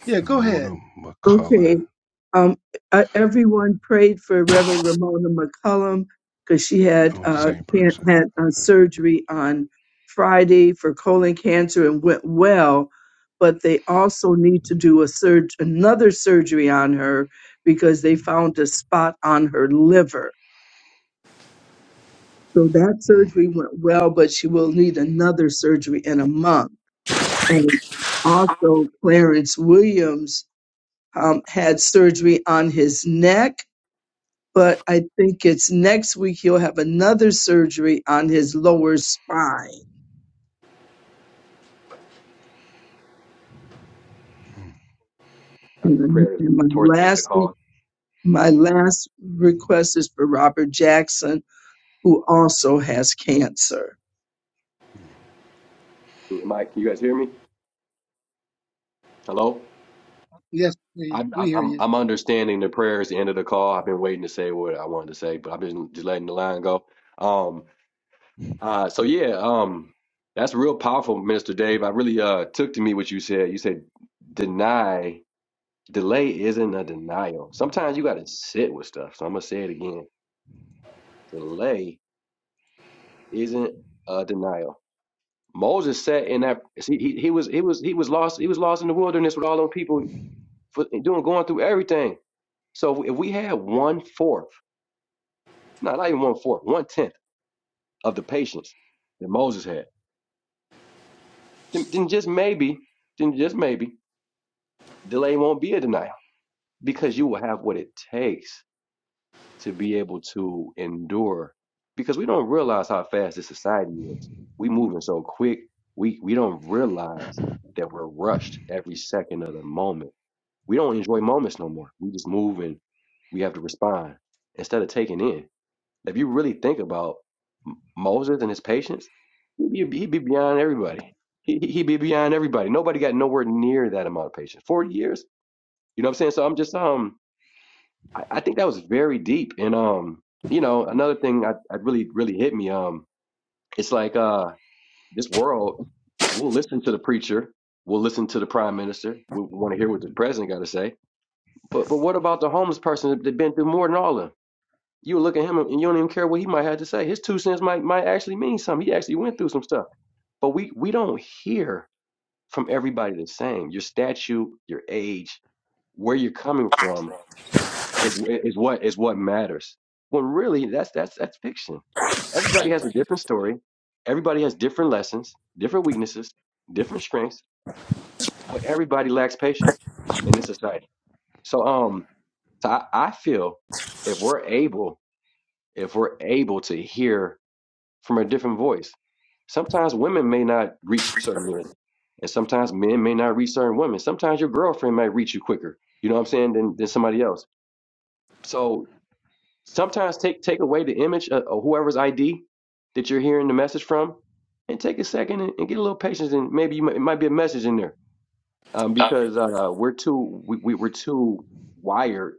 Speaker 3: yeah. Go ahead.
Speaker 2: Ramona
Speaker 4: Okay.
Speaker 2: McCullough.
Speaker 4: Um, uh, everyone prayed for Reverend Ramona McCullum because she had
Speaker 2: Oh,
Speaker 4: uh,
Speaker 2: same
Speaker 4: can-
Speaker 2: person.
Speaker 4: had uh,
Speaker 2: Okay.
Speaker 4: surgery on Friday for colon cancer and went well, but they also need to do a surg- another surgery on her because they found a spot on her liver. So that
Speaker 2: mm
Speaker 4: surgery went well, but she will need another surgery in a month. And also, Clarence Williams um, had surgery on his neck but I think it's next week he'll have another surgery on his lower spine.
Speaker 2: mm.
Speaker 5: know
Speaker 4: And,
Speaker 5: prayer is
Speaker 4: and my
Speaker 5: toward the end of the
Speaker 4: last week,
Speaker 5: call.
Speaker 4: my last request is for Robert Jackson, who also has cancer.
Speaker 5: Mike, can you guys hear me? Hello?
Speaker 3: Yes, we
Speaker 5: I'm,
Speaker 3: we
Speaker 5: I'm,
Speaker 3: hear
Speaker 5: I'm
Speaker 3: you.
Speaker 5: I'm understanding the prayer is the end of the call. I've been waiting to say what I wanted to say, but I've been just letting the line go. Um, uh, so yeah, um, that's real powerful, Minister Dave. I really uh took to me what you said. You said deny, delay isn't a denial. Sometimes you got to sit with stuff. So I'm gonna say it again. Delay isn't a denial. Moses sat in that he, he he was he was he was lost he was lost in the wilderness with all those people for doing going through everything. So if we had one fourth, not not even one fourth, one tenth of the patience that Moses had, then, then just maybe, then just maybe delay won't be a denial because you will have what it takes to be able to endure. Because we don't realize how fast this society is. We moving so quick. We we don't realize that we're rushed every second of the moment we don't enjoy moments no more. We just move and we have to respond instead of taking in. If you really think about M- Moses and his patience, he'd be, he'd be beyond everybody. He, he- would be beyond everybody. Nobody got nowhere near that amount of patience. Forty years, you know what I'm saying? So I'm just um, I, I think that was very deep. And um, you know, another thing I, I really really hit me um, it's like uh, this world, we'll listen to the preacher, we'll listen to the prime minister, we want to hear what the president got to say, but but what about the homeless person that has been through more than all of them? You look at him and you don't even care what he might have to say. His two cents might might actually mean something. He actually went through some stuff. But we we don't hear from everybody the same. Your statue, your age, where you're coming from is is what is what matters. When really that's that's that's fiction. Everybody has a different story. Everybody has different lessons, different weaknesses, different strengths, but everybody lacks patience in this society. So um So I, I feel if we're able, if we're able to hear from a different voice, sometimes women may not reach certain men, and sometimes men may not reach certain women. Sometimes your girlfriend might reach you quicker, you know what I'm saying, than, than somebody else. So sometimes take take away the image of, of whoever's ID that you're hearing the message from, and take a second and, and get a little patience, and maybe you might, it might be a message in there um, because uh, we're too we, we, we're too wired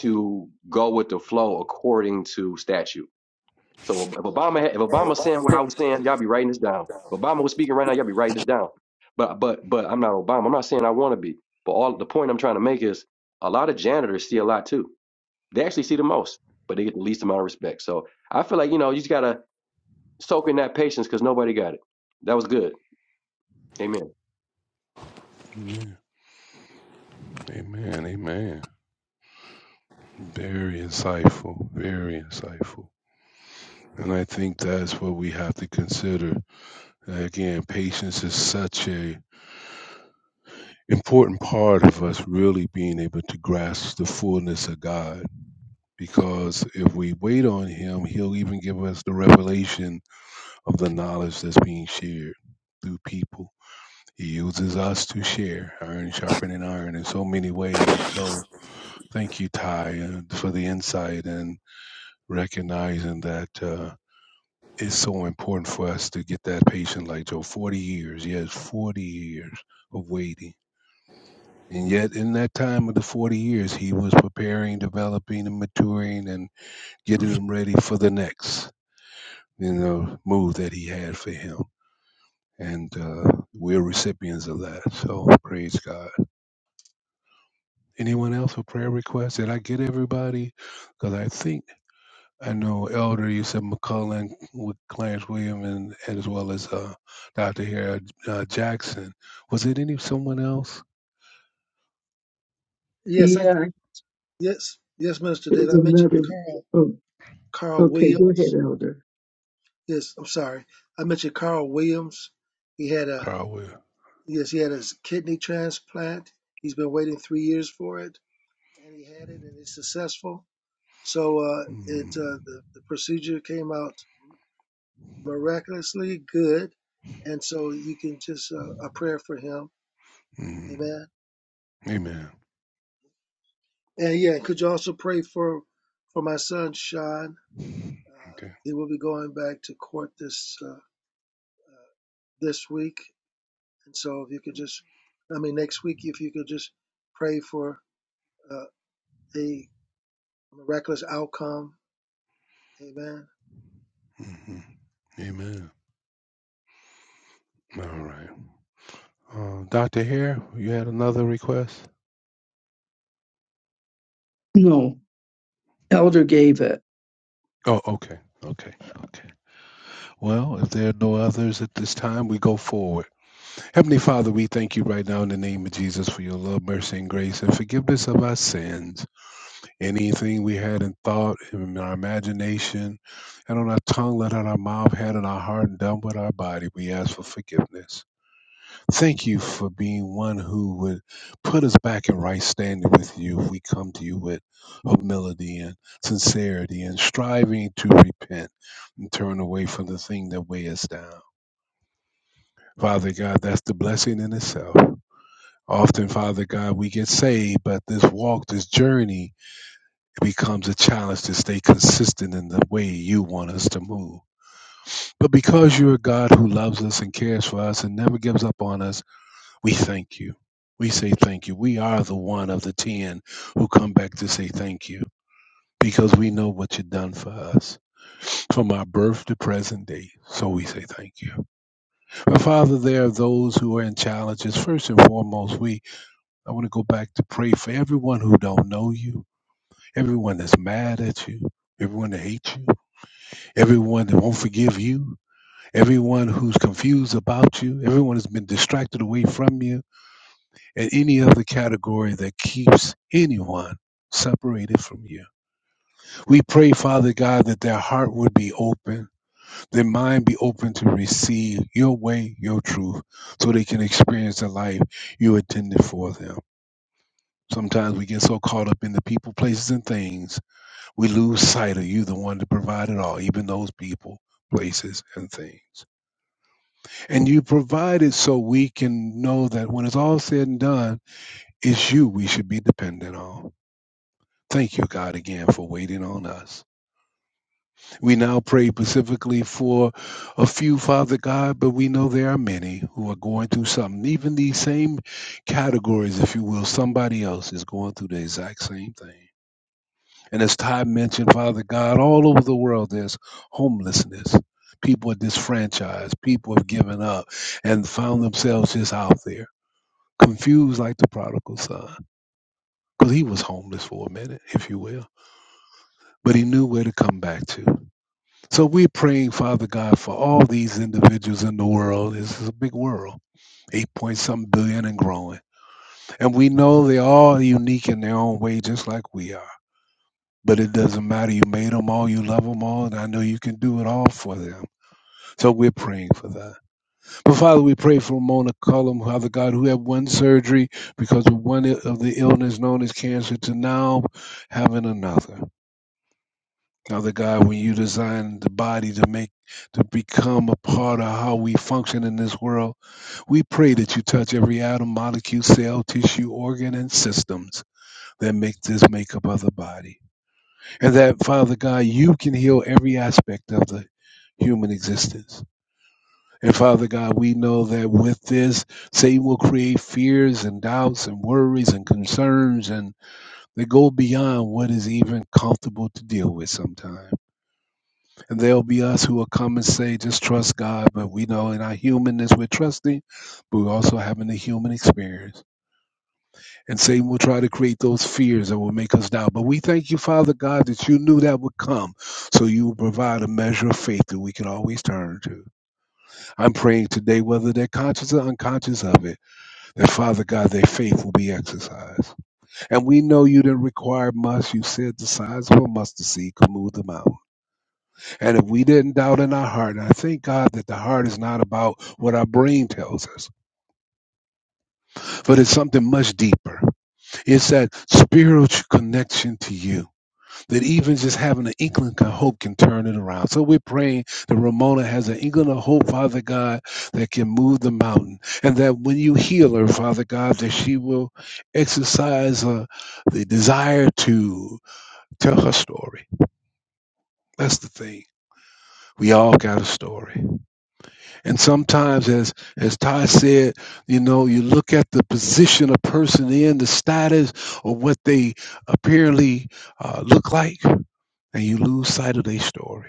Speaker 5: to go with the flow according to statute. So if Obama had, if Obama's saying what I was saying, y'all be writing this down. If Obama was speaking right now, y'all be writing this down. But but but I'm not Obama. I'm not saying I want to be. But all the point I'm trying to make is a lot of janitors see a lot too. They actually see the most, but they get the least amount of respect. So I feel like you know you just gotta soak in that patience because nobody got it. That was good. Amen.
Speaker 2: Amen. Amen. Amen. Very insightful. Very insightful. And I think that's what we have to consider. Again, patience is such a important part of us really being able to grasp the fullness of God because if we wait on him, he'll even give us the revelation of the knowledge that's being shared through people. He uses us to share iron sharpening iron in so many ways. So thank you, Ty, uh, for the insight and recognizing that. uh, it's so important for us to get that patient like Joe, 40 years, yes, 40 years of waiting. And yet, in that time of the 40 years, he was preparing, developing, and maturing and getting him ready for the next, you know, move that he had for him. And uh, we're recipients of that. So praise God. Anyone else with prayer requests? Did I get everybody? Because I think. I know Elder, you said McCullen with Clarence Williams, and, and as well as uh, Dr. Harry uh, Jackson. Was it any someone else?
Speaker 3: Yes, I
Speaker 4: Yeah,
Speaker 3: yes yes, Minister
Speaker 4: there's
Speaker 3: David. I mentioned
Speaker 4: another.
Speaker 3: Carl
Speaker 4: Oh,
Speaker 3: Carl
Speaker 4: okay, go ahead,
Speaker 3: Williams.
Speaker 4: Elder.
Speaker 3: Yes, I'm sorry. I mentioned Carl Williams. He had a
Speaker 2: Carl Will.
Speaker 3: yes. He had his kidney transplant. He's been waiting three years for it, and he had it, and it's successful. So uh, it
Speaker 2: hmm
Speaker 3: uh, the, the procedure came out miraculously good. And so you can just uh, a prayer for him.
Speaker 2: hmm
Speaker 3: Amen.
Speaker 2: Amen.
Speaker 3: And yeah, could you also pray for for my son Sean? Uh,
Speaker 2: Okay.
Speaker 3: he will be going back to court this uh, this week. And so if you could just, I mean, next week, if you could just pray for uh, a miraculous outcome. Amen
Speaker 2: hmm Amen. All right. Uh, Dr. Hare, you had another request?
Speaker 4: No, Elder gave it.
Speaker 2: Oh, okay. Okay. Okay. Well, if there are no others at this time, we go forward. Heavenly Father, we thank you right now in the name of Jesus for your love, mercy, and grace and forgiveness of our sins. Anything we had in thought, in our imagination, and on our tongue, let out our mouth, had in our heart, and done with our body, we ask for forgiveness. Thank you for being one who would put us back in right standing with you if we come to you with humility and sincerity and striving to repent and turn away from the thing that weigh us down. Father God, that's the blessing in itself. Often, Father God, we get saved, but this walk, this journey, It becomes a challenge to stay consistent in the way you want us to move. But because you're a God who loves us and cares for us and never gives up on us, we thank you. We say thank you. We are the one of the 10 who come back to say thank you because we know what you've done for us from our birth to present day. So we say thank you. But Father, there are those who are in challenges. First and foremost, we I want to go back to pray for everyone who don't know you, everyone that's mad at you, everyone that hates you. Everyone that won't forgive you, everyone who's confused about you, everyone has been distracted away from you, and any other category that keeps anyone separated from you. We pray, Father God, that their heart would be open, their mind be open to receive your way, your truth, so they can experience the life you intended for them. Sometimes we get so caught up in the people, places, and things, we lose sight of you, the one that provided all, even those people, places, and things. And you provide it so we can know that when it's all said and done, it's you we should be dependent on. Thank you, God, again for waiting on us. We now pray specifically for a few, Father God, but we know there are many who are going through something. Even these same categories, if you will, somebody else is going through the exact same thing. And as Ty mentioned, Father God, all over the world there's homelessness. People are disfranchised. People have given up and found themselves just out there. confused like the prodigal son, because he was homeless for a minute, if you will, but he knew where to come back to. So we're praying, Father God, for all these individuals in the world. This is a big world, eight point some billion and growing. And we know they're all unique in their own way, just like we are. But it doesn't matter. You made them all. You love them all. And I know you can do it all for them. So we're praying for that. But Father, we pray for Mona Cullum, Father God, who had one surgery because of one i- of the illness known as cancer to now having another. Father God, when you designed the body to make to become a part of how we function in this world, we pray that you touch every atom, molecule, cell, tissue, organ, and systems that make this makeup of the body. And that, Father God, you can heal every aspect of the human existence. And Father God, we know that with this, Satan will create fears and doubts and worries and concerns, and they go beyond what is even comfortable to deal with sometimes. And there'll be us who will come and say, just trust God. But we know in our humanness, we're trusting, but we're also having the human experience. And Satan will try to create those fears that will make us doubt. But we thank you, Father God, that you knew that would come. So you will provide a measure of faith that we can always turn to. I'm praying today, whether they're conscious or unconscious of it And Father God, their faith will be exercised. And we know you didn't require much. You said the size of a mustard seed could move the mountain. And if we didn't doubt in our heart, and I thank God that the heart is not about what our brain tells us, but it's something much deeper. It's that spiritual connection to you. that even just having an inkling of hope can turn it around. So we're praying that Ramona has an inkling of hope, Father God, that can move the mountain. And that when you heal her, Father God, that she will exercise uh, the desire to tell her story. That's the thing. We all got a story. And sometimes, as, as Ty said, you know, you look at the position a person in, the status, or what they apparently uh, look like, and you lose sight of their story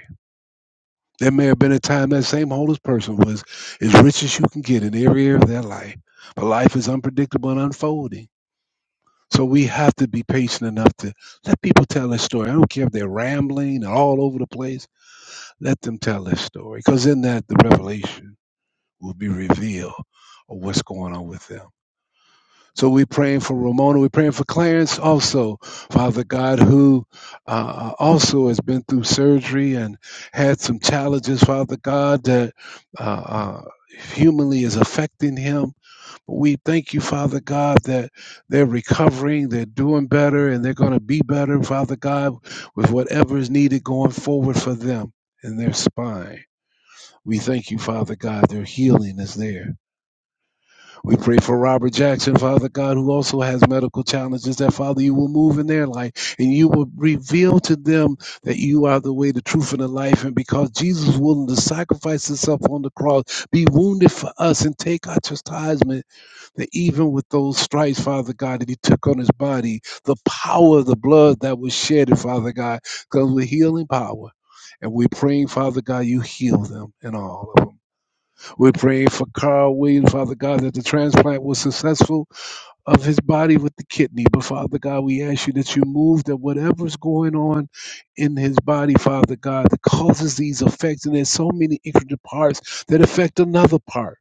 Speaker 2: There may have been a time that same homeless person was as rich as you can get in every area of their life. But life is unpredictable and unfolding. So we have to be patient enough to let people tell their story. I don't care if they're rambling and all over the place. Let them tell their story. Because in that, the revelation will be revealed of what's going on with them. So we're praying for Ramona. We're praying for Clarence also, Father God, who uh, uh, also has been through surgery and had some challenges, Father God, that uh, uh, humanly is affecting him. But we thank you, Father God, that they're recovering, they're doing better, and they're going to be better, Father God, with whatever is needed going forward for them in their spine. We thank you, Father God, their healing is there. We pray for Robert Jackson, Father God, who also has medical challenges, that Father, you will move in their life and you will reveal to them that you are the way, the truth, and the life. And because Jesus was willing to sacrifice himself on the cross, be wounded for us, and take our chastisement, that even with those stripes, Father God, that he took on his body, the power of the blood that was shed, Father God, comes with healing power. And we're praying, Father God, you heal them and all of them. We're praying for Carl Williams, Father God, that the transplant was successful of his body with the kidney. But Father God, we ask you that you move that whatever's going on in his body, Father God, that causes these effects. And there's so many intricate parts that affect another part.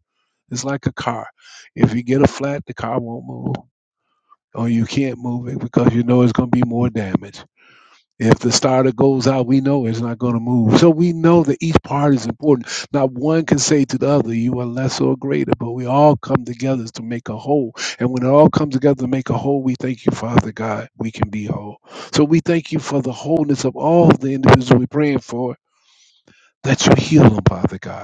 Speaker 2: It's like a car. If you get a flat, the car won't move. Or you can't move it because you know it's going to be more damage. If the starter goes out, we know it's not going to move. So we know that each part is important. Not one can say to the other, you are less or greater, but we all come together to make a whole. And when it all comes together to make a whole, we thank you, Father God, we can be whole. So we thank you for the wholeness of all the individuals we're praying for, that you heal them, Father God.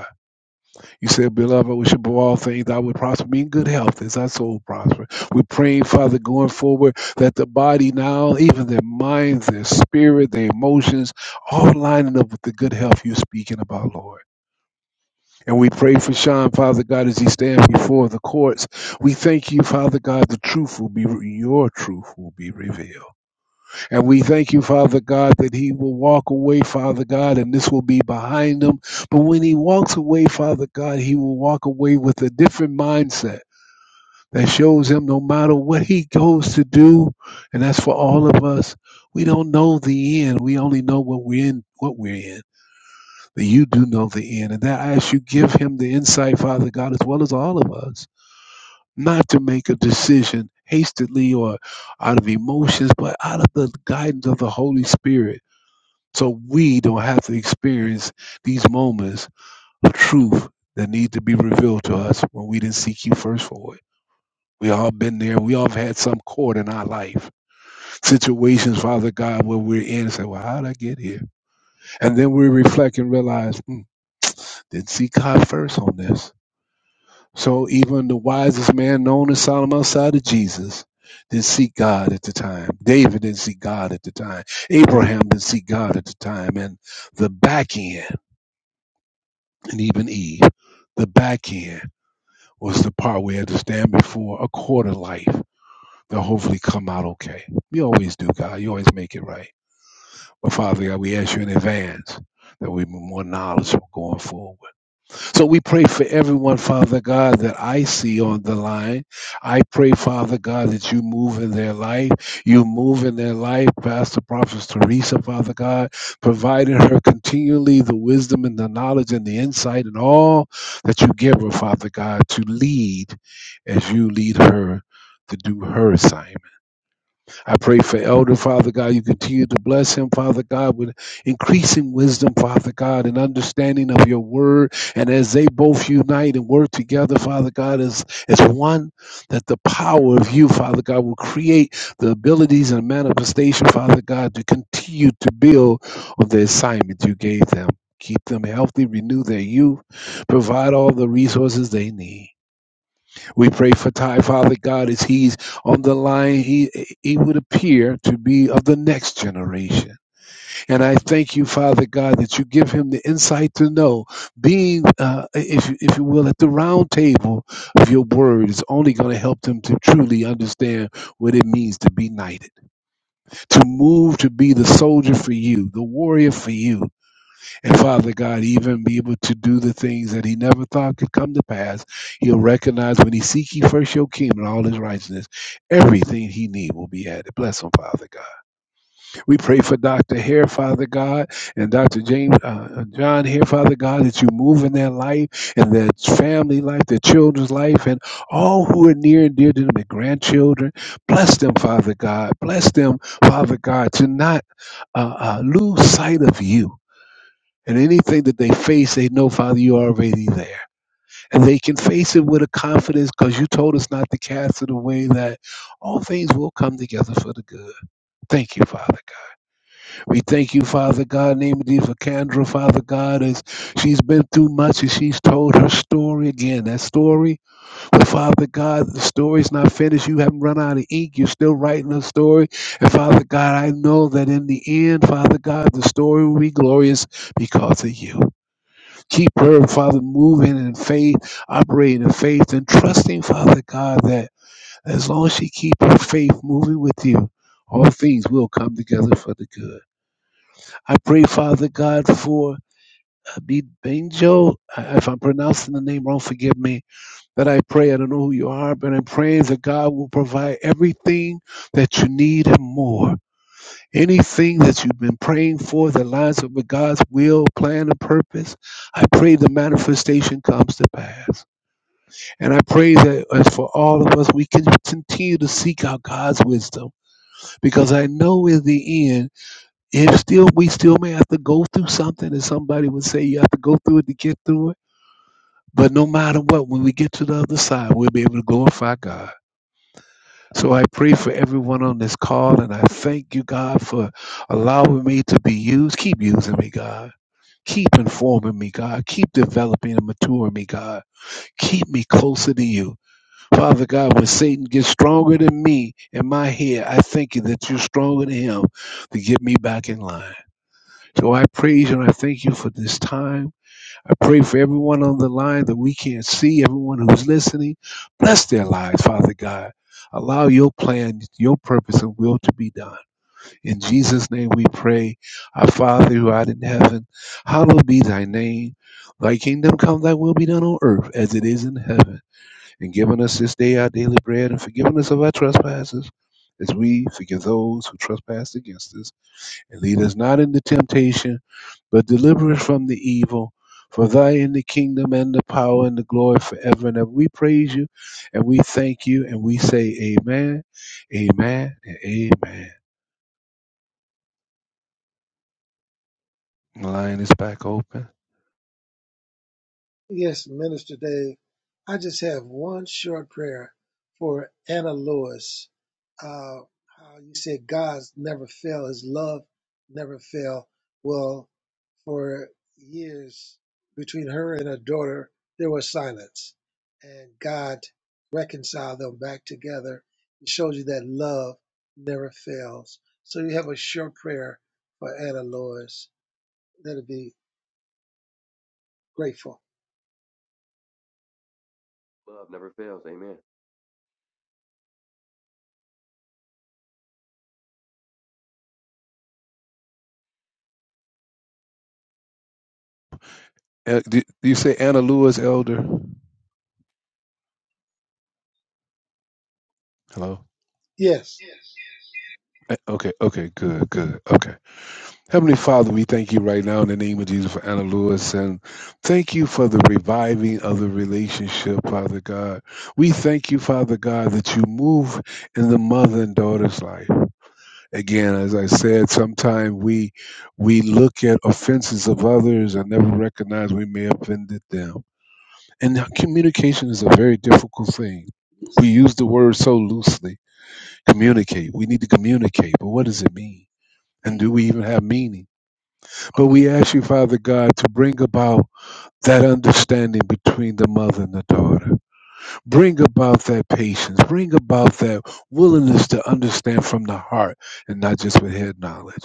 Speaker 2: You said, Beloved, we should above all things I would prosper, be in good health as our soul prosper. We're praying, Father, going forward, that the body now, even their minds, their spirit, their emotions, all lining up with the good health you're speaking about, Lord. And we pray for Sean, Father God, as he stands before the courts. We thank you, Father God, the truth will be, your truth will be revealed. And we thank you, Father God, that he will walk away, Father God, and this will be behind him. But when he walks away, Father God, he will walk away with a different mindset that shows him no matter what he goes to do, and that's for all of us. We don't know the end. We only know what we're in, what we're in. But you do know the end. And that I ask you give him the insight, Father God, as well as all of us, not to make a decision hastily or out of emotions, but out of the guidance of the Holy Spirit so we don't have to experience these moments of truth that need to be revealed to us when we didn't seek you first for it. We all been there. We all have had some court in our life. Situations, Father God, where we're in and say, Well, how'd I get here? And then we reflect and realize, hmm, didn't seek God first on this. So even the wisest man known as Solomon outside of Jesus didn't seek God at the time. David didn't seek God at the time. Abraham didn't seek God at the time. And the back end. and even Eve. The back end was the part we had to stand before a court of life to hopefully come out okay. You always do, God. You always make it right. But Father God, we ask you in advance that we be more knowledgeable going forward. So we pray for everyone, Father God, that I see on the line. I pray, Father God, that you move in their life. You move in their life, Pastor Prophet Teresa, Father God, providing her continually the wisdom and the knowledge and the insight and all that you give her, Father God, to lead as you lead her to do her assignment. I pray for Elder, Father God. You continue to bless him, Father God, with increasing wisdom, Father God, and understanding of your word. And as they both unite and work together, Father God, as, as one, that the power of you, Father God, will create the abilities and manifestation, Father God, to continue to build on the assignment you gave them. Keep them healthy, renew their youth, provide all the resources they need. We pray for Ty, Father God, as he's on the line, he, he would appear to be of the next generation. And I thank you, Father God, that you give him the insight to know being, uh, if, you- if you will, at the round table of your word is only going to help them to truly understand what it means to be knighted, to move to be the soldier for you, the warrior for you, and Father God, even be able to do the things that he never thought could come to pass, he'll recognize when he seek ye first your kingdom and all his righteousness, everything he need will be added. Bless him, Father God. We pray for Dr. Hare, Father God, and Dr. James uh, uh, John here, Father God, that you move in their life and their family life, their children's life, and all who are near and dear to them, their grandchildren. Bless them, Father God. Bless them, Father God, to not uh, uh, lose sight of you and anything that they face, they know, Father, you're already there. And they can face it with a confidence because you told us not to cast it away, that all things will come together for the good. Thank you, Father God. We thank you, Father God, in the name of Jesus, for Kendra, Father God, as she's been through much and she's told her story again. That story, well, Father God, the story's not finished. You haven't run out of ink. You're still writing her story. And Father God, I know that in the end, Father God, the story will be glorious because of you. Keep her, Father, moving in faith, operating in faith, and trusting, Father God, that as long as she keeps her faith moving with you, all things will come together for the good. I pray, Father God, for Abid Benjo. If I'm pronouncing the name wrong, forgive me. That I pray, I don't know who you are, but I'm praying that God will provide everything that you need and more. Anything that you've been praying for that lines up with God's will, plan, and purpose, I pray the manifestation comes to pass. And I pray that as for all of us, we can continue to seek out God's wisdom because I know in the end, if still we still may have to go through something, and somebody would say you have to go through it to get through it. But no matter what, when we get to the other side, we'll be able to glorify God. So I pray for everyone on this call, and I thank you, God, for allowing me to be used. Keep using me, God. Keep informing me, God. Keep developing and maturing me, God. Keep me closer to you. Father God, when Satan gets stronger than me in my head, I thank you that you're stronger than him to get me back in line. So I praise you and I thank you for this time. I pray for everyone on the line that we can't see, everyone who's listening. Bless their lives, Father God. Allow your plan, your purpose, and will to be done. In Jesus' name we pray. Our Father who art in heaven, hallowed be thy name. Thy kingdom come, thy will be done on earth as it is in heaven. And giving us this day our daily bread and forgiving us of our trespasses as we forgive those who trespass against us and lead us not into temptation, but deliver us from the evil. For thy is the kingdom and the power and the glory forever and ever. We praise you and we thank you and we say amen, amen, and amen. The line is back open.
Speaker 3: Yes, Minister Dave. I just have one short prayer for Anna Lewis. Uh, how you said God's never fail, His love never fail. Well, for years between her and her daughter, there was silence, and God reconciled them back together. It shows you that love never fails. So you have a short prayer for Anna Lewis. That'll be grateful.
Speaker 5: Love never fails. Amen.
Speaker 2: Uh, Do do you say Anna Lewis, Elder? Hello?
Speaker 3: Yes.
Speaker 2: Uh, Okay, okay, good, good. Okay. Heavenly Father, we thank you right now in the name of Jesus for Anna Lewis and thank you for the reviving of the relationship, Father God. We thank you, Father God, that you move in the mother and daughter's life. Again, as I said, sometimes we we look at offenses of others and never recognize we may have offended them. And communication is a very difficult thing. We use the word so loosely. Communicate. We need to communicate, but what does it mean? And do we even have meaning? But
Speaker 3: Okay.
Speaker 2: we ask you, Father God, to bring about that understanding between the mother and the daughter. Bring about that patience. Bring about that willingness to understand from the heart and not just with head knowledge.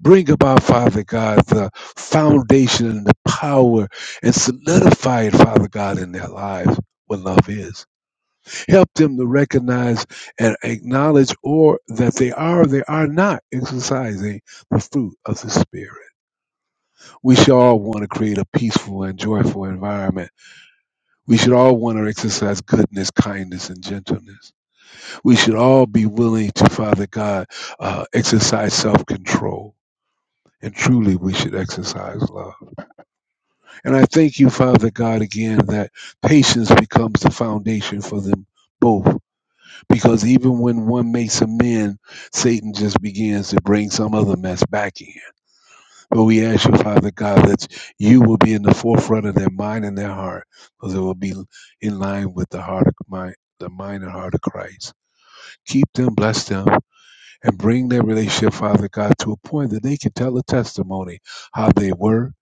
Speaker 2: Bring about, Father God, the foundation and the power and solidify it, Father God, in their lives. What love is. Help them to recognize and acknowledge or that they are or they are not exercising the fruit of the Spirit. We should all want to create a peaceful and joyful environment. We should all want to exercise goodness, kindness, and gentleness. We should all be willing to, Father God, uh, exercise self control. And truly, we should exercise love. And I thank you, Father God, again, that patience becomes the foundation for them both. Because even when one makes amends, Satan just begins to bring some other mess back in But we ask you, Father God, that you will be in the forefront of their mind and their heart, because it will be in line with the heart of mind, the mind and heart of Christ. Keep them, bless them, and bring their relationship, Father God, to a point that they can tell a testimony how they were,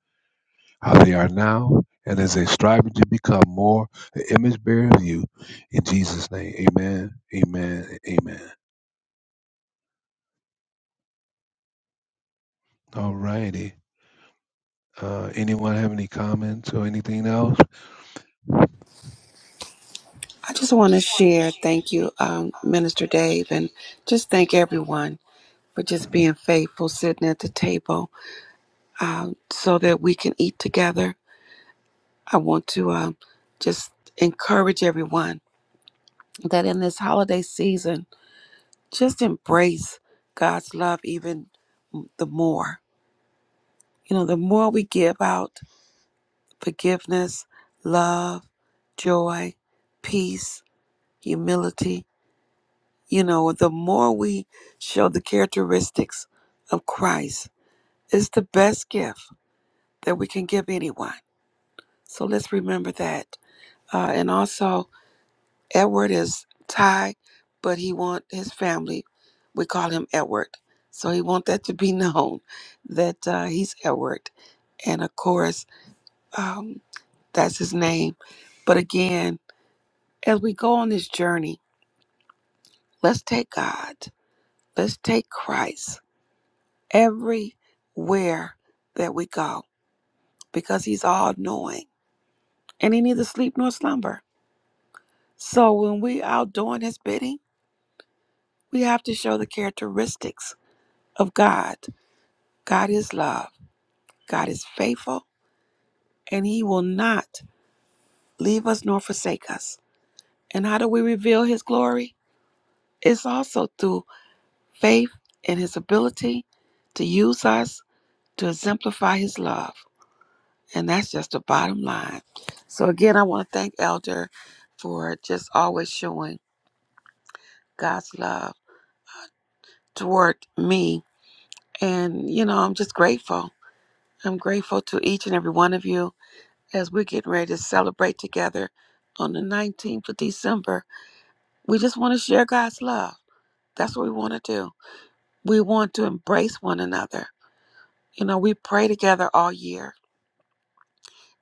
Speaker 2: how they are now, and as they strive to become more the image bearer of you. In Jesus' name, Amen, Amen, Amen. All righty. Uh, anyone have any comments or anything else?
Speaker 1: I just want to share. Thank you, um, Minister Dave, and just thank everyone for just being faithful, sitting at the table, um, so that we can eat together. I want to um, just encourage everyone that in this holiday season, just embrace God's love even the more. You know, the more we give out forgiveness, love, joy, peace, humility, You know, the more we show the characteristics of Christ, it's the best gift that we can give anyone. So let's remember that. Uh, and also, Edward is Thai, but he want his family. We call him Edward, so he want that to be known that uh, he's Edward. And of course, um, that's his name. But again, as we go on this journey, let's take God. Let's take Christ. everywhere that we go because he's all knowing and he neither sleep nor slumber. So when we out doing his bidding, we have to show the characteristics of God. God is love, God is faithful, and he will not leave us nor forsake us. And how do we reveal his glory? It's also through faith in his ability to use us to exemplify his love. And that's just the bottom line. So, again, I want to thank Elder for just always showing God's love toward me. And, you know, I'm just grateful. I'm grateful to each and every one of you as we're getting ready to celebrate together on the 19th of December. We just want to share God's love. That's what we want to do. We want to embrace one another. You know, we pray together all year.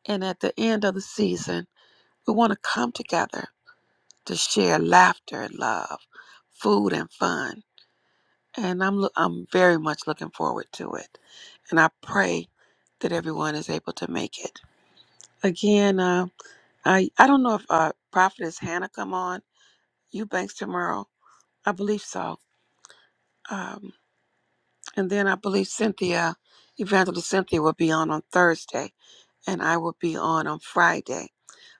Speaker 1: And at the end of the season, we want to come together to share laughter and love, food and fun. And I'm lo- I'm very much looking forward to it. And I pray that everyone is able to make it. Again, uh, I I don't know if uh, Prophetess Hannah come on Eubanks tomorrow. I believe so. Um, and then I believe Cynthia, Evangelist Cynthia, will be on on Thursday, and I will be on on Friday.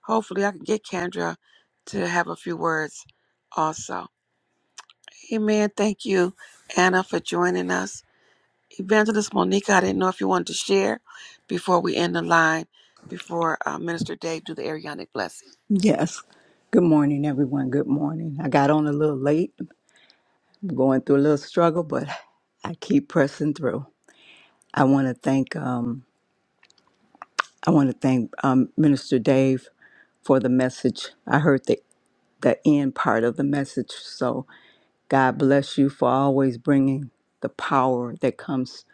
Speaker 1: Hopefully, I can get Kendra to have a few words also Amen. Thank you, Anna, for joining us. Evangelist Monica, I didn't know if you wanted to share before we end the line, before uh, Minister Dave do the Arianic blessing.
Speaker 6: Yes. Good morning, everyone. Good morning. I got on a little late. I'm going through a little struggle, but I keep pressing through. I want to thank um, I want to thank um, Minister Dave for the message. I heard the the end part of the message. So God bless you for always bringing the power that comes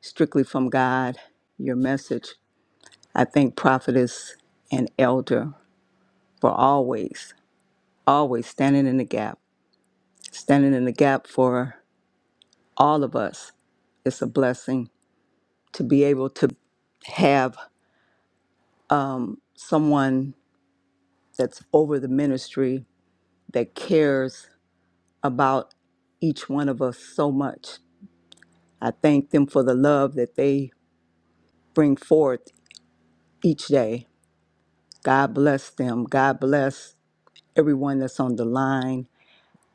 Speaker 6: strictly from God. Your message. I thank prophetess and elder for always, always standing in the gap standing in the gap for all of us. It's a blessing to be able to have someone that's over the ministry that cares about each one of us so much. I thank them for the love that they bring forth each day. God bless them. God bless everyone that's on the line.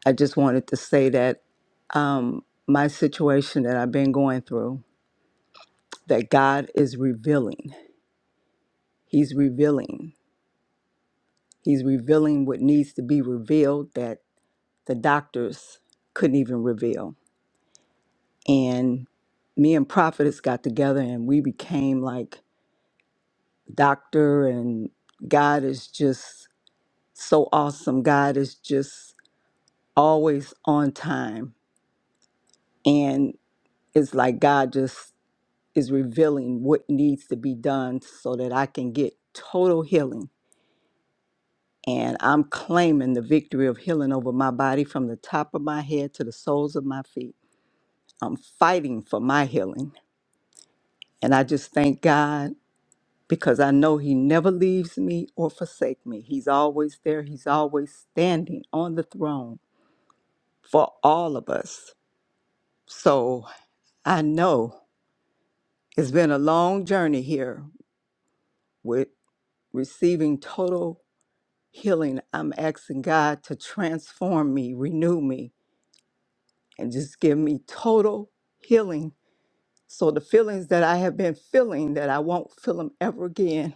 Speaker 6: I just wanted to say that um, my situation that I've been going through, that God is revealing. He's revealing He's revealing what needs to be revealed that the doctors couldn't even reveal. And me and Prophetess got together and we became like doctor and God is just so awesome. God is just always on time. And it's like God just is revealing what needs to be done so that I can get total healing. And I'm claiming the victory of healing over my body from the top of my head to the soles of my feet. I'm fighting for my healing. And I just thank God because I know He never leaves me or forsake me. He's always there. He's always standing on the throne for all of us. So I know it's been a long journey here with receiving total healing. I'm asking God to transform me, renew me, and just give me total healing. So the feelings that I have been feeling that I won't feel them ever again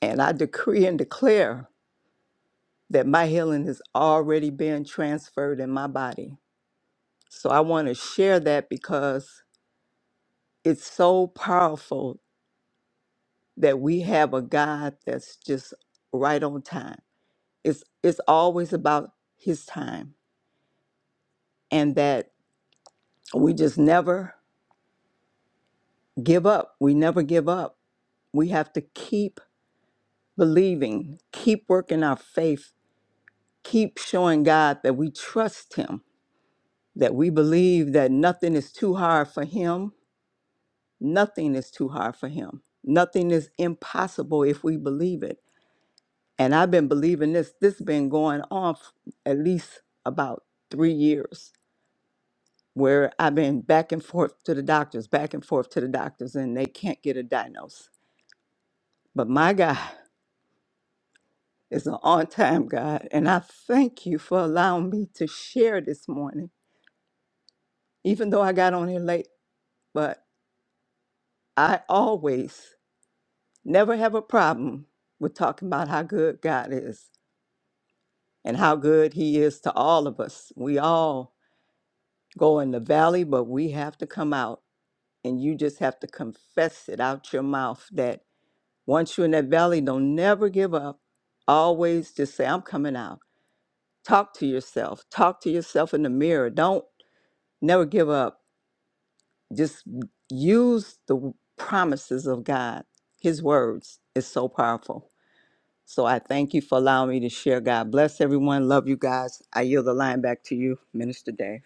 Speaker 6: And I decree and declare that my healing is already being transferred in my body. So I want to share that because it's so powerful that we have a God that's just right on time. It's it's always about his time and that we just never give up. We never give up. We have to keep believing, keep working our faith, keep showing God that we trust him that we believe that nothing is too hard for him. Nothing is too hard for him. Nothing is impossible if we believe it. And I've been believing this. This has been going on f- at least about three years, where I've been back and forth to the doctors, back and forth to the doctors, and they can't get a diagnosis. But my God is an on time God. And I thank you for allowing me to share this morning, even though I got on here late. But I always Never have a problem with talking about how good God is and how good He is to all of us. We all go in the valley, but we have to come out. And you just have to confess it out your mouth that once you're in that valley, don't never give up. Always just say, I'm coming out. Talk to yourself. Talk to yourself in the mirror. Don't never give up. Just use the promises of God. His words is so powerful. So I thank you for allowing me to share. God bless everyone. Love you guys. I yield the line back to you, Minister Dave.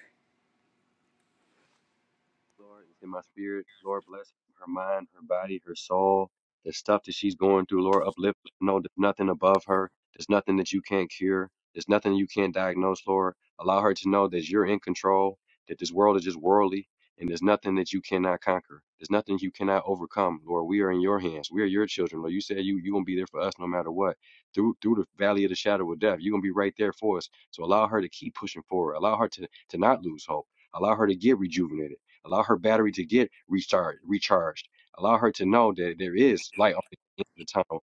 Speaker 5: Lord, it's in my spirit. Lord, bless her mind, her body, her soul, the stuff that she's going through. Lord, uplift. No, there's nothing above her. There's nothing that you can't cure. There's nothing you can't diagnose, Lord. Allow her to know that you're in control, that this world is just worldly, and there's nothing that you cannot conquer. There's nothing you cannot overcome, Lord. We are in your hands. We are your children, Lord. You said you you gonna be there for us no matter what. Through through the valley of the shadow of death, you're gonna be right there for us. So allow her to keep pushing forward. Allow her to to not lose hope. Allow her to get rejuvenated Allow her battery to get recharged. Recharged. Allow her to know that there is light on the end of the tunnel.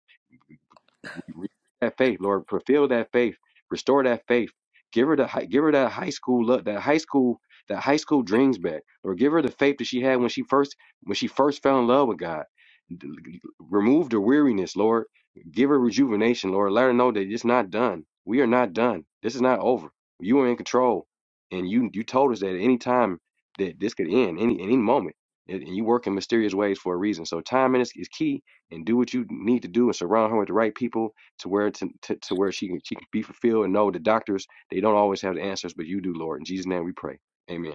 Speaker 5: Re- That faith, Lord, fulfill that faith, restore that faith. Give her the hi- give her that high school look, that high school that high school dreams back. Lord, give her the faith that she had when she first when she first fell in love with God. D- Remove the weariness, Lord. Give her rejuvenation, Lord. Let her know that it's not done. We are not done. This is not over. You are in control, and you you told us that at any time that this could end, any any moment, and and you work in mysterious ways for a reason. So timing is, is key and do what you need to do and surround her with the right people to where to, to, to where she can she can be fulfilled and know the doctors they don't always have the answers but you do lord in jesus name we pray amen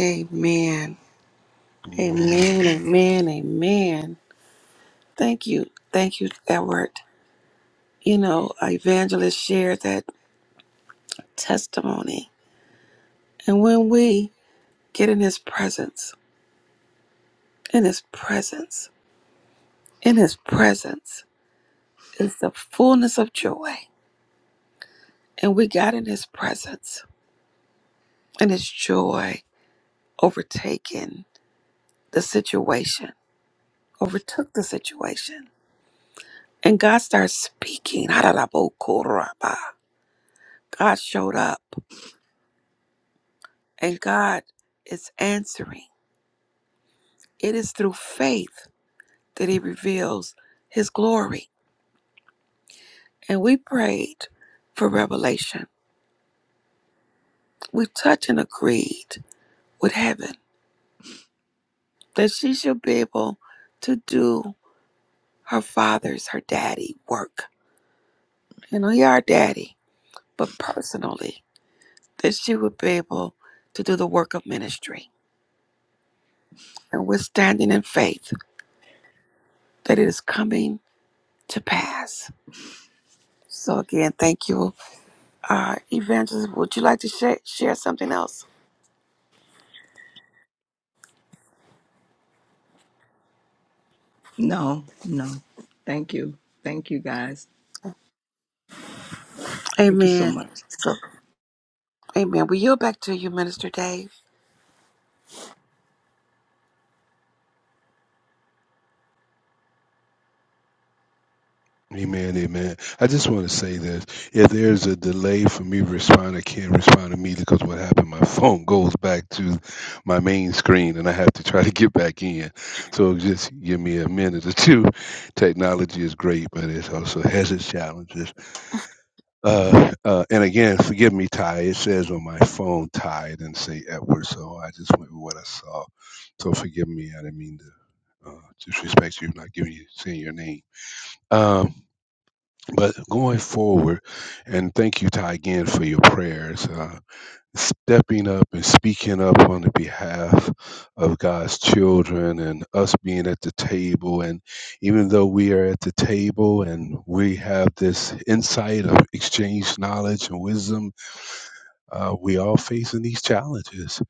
Speaker 1: Amen.
Speaker 2: Amen.
Speaker 1: Amen. Amen. Amen. Thank you. Thank you, Edward. You know, Evangelist shared that testimony. And when we get in his presence, in his presence, in his presence is the fullness of joy. And we got in his presence and his joy overtaken the situation, overtook the situation. And God starts speaking. Haralabokoraba. God showed up and God is answering. It is through faith that he reveals his glory. And we prayed for revelation. We touched and agreed with heaven that she shall be able to do her father's, her daddy work. You know, he our daddy, but personally that she would be able to do the work of ministry. And we're standing in faith that it is coming to pass. So, again, thank you. Uh, Evangelist, would you like to share, share something else?
Speaker 6: No, no. Thank you. Thank you guys. Thank you so
Speaker 1: Amen.
Speaker 6: much.
Speaker 1: So, amen. We yield back to you, Minister Dave.
Speaker 2: Amen, amen. I just want to say this. If there's a delay for me to respond, I can't respond immediately because what happened, my phone goes back to my main screen and I have to try to get back in. So just give me a minute or two. Technology is great, but it also has its challenges. Uh, uh, and again, forgive me, Ty. It says on my phone, Ty, and say Edward. So I just went with what I saw. So forgive me. I didn't mean to uh, disrespect you, not giving you, saying your name. Um, but going forward, and thank you, Ty, again for your prayers, uh, stepping up and speaking up on the behalf of God's children and us being at the table. And even though we are at the table and we have this insight of exchange knowledge and wisdom, uh, we all facing these challenges.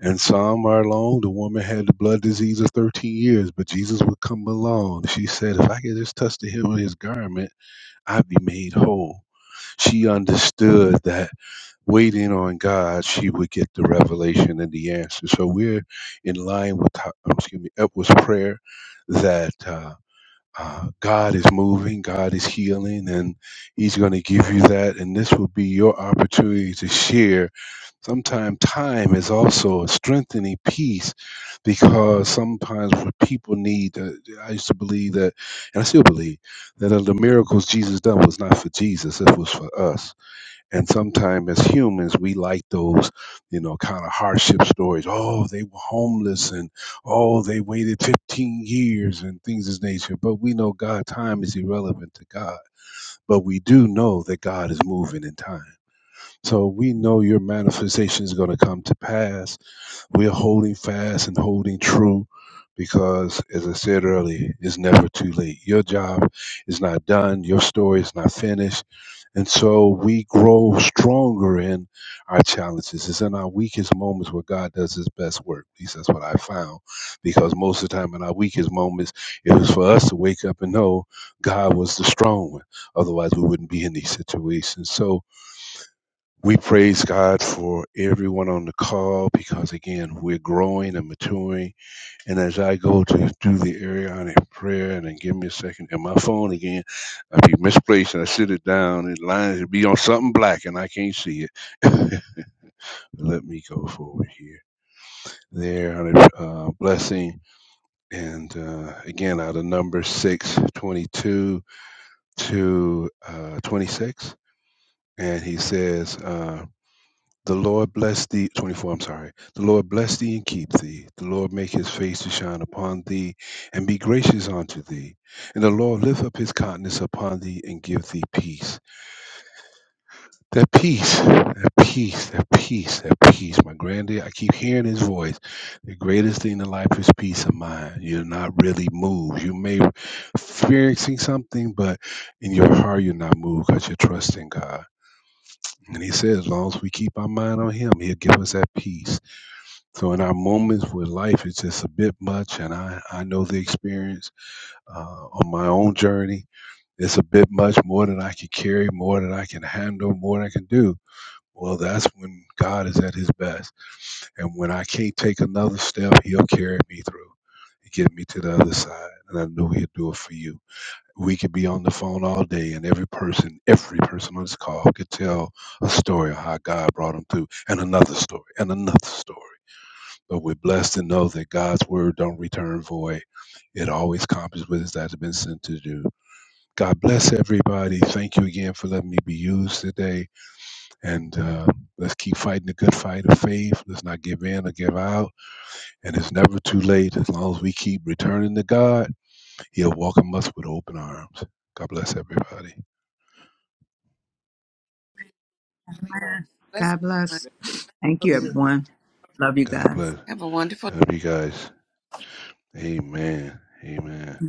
Speaker 2: And some are alone. The woman had the blood disease of 13 years, but Jesus would come along. She said, If I could just touch the hem of his garment, I'd be made whole. She understood that waiting on God, she would get the revelation and the answer. So we're in line with, Ho- um, excuse me, Edward's prayer that uh, uh, God is moving, God is healing, and He's going to give you that. And this will be your opportunity to share sometimes time is also a strengthening piece because sometimes what people need uh, i used to believe that and i still believe that of the miracles jesus done was not for jesus it was for us and sometimes as humans, we like those, you know, kind of hardship stories. Oh, they were homeless and oh, they waited 15 years and things of this nature. But we know God, time is irrelevant to God. But we do know that God is moving in time. So we know your manifestation is going to come to pass we're holding fast and holding true because, as I said earlier, it's never too late. Your job is not done, your story is not finished. And so we grow stronger in our challenges. It's in our weakest moments where God does his best work. At least that's what I found. Because most of the time in our weakest moments, it was for us to wake up and know God was the strong one. Otherwise, we wouldn't be in these situations. So we praise God for everyone on the call because, again, we're growing and maturing. And as I go to do the Arianic prayer, and then give me a second, and my phone again, I be misplaced and I sit it down, it lines, it be on something black and I can't see it. Let me go forward here. There, Arianic uh, blessing. And uh, again, out of number 6 22 to uh, 26. And he says, uh, The Lord bless thee, 24, I'm sorry. The Lord bless thee and keep thee. The Lord make his face to shine upon thee and be gracious unto thee. And the Lord lift up his countenance upon thee and give thee peace. That peace, that peace, that peace, that peace. My granddad, I keep hearing his voice. The greatest thing in life is peace of mind. You're not really moved. You may experiencing something, but in your heart you're not moved because you're trusting God. And he says, as long as we keep our mind on him, he'll give us that peace. So in our moments with life, it's just a bit much, and I I know the experience uh, on my own journey. It's a bit much more than I can carry, more than I can handle, more than I can do. Well, that's when God is at His best, and when I can't take another step, He'll carry me through, and get me to the other side, and I know He'll do it for you. We could be on the phone all day, and every person, every person on this call could tell a story of how God brought them through, and another story, and another story but we're blessed to know that God's word don't return void. It always accomplishes what it has been sent to do. God bless everybody. Thank you again for letting me be used today. And uh, let's keep fighting the good fight of faith. Let's not give in or give out. And it's never too late as long as we keep returning to God. He'll welcome us with open arms. God bless everybody.
Speaker 1: Bless
Speaker 6: God
Speaker 1: everyone.
Speaker 6: bless. Thank you, everyone. Love you
Speaker 2: God
Speaker 6: guys.
Speaker 2: bless.
Speaker 1: Have a wonderful
Speaker 2: Love you guys. Amen. Amen.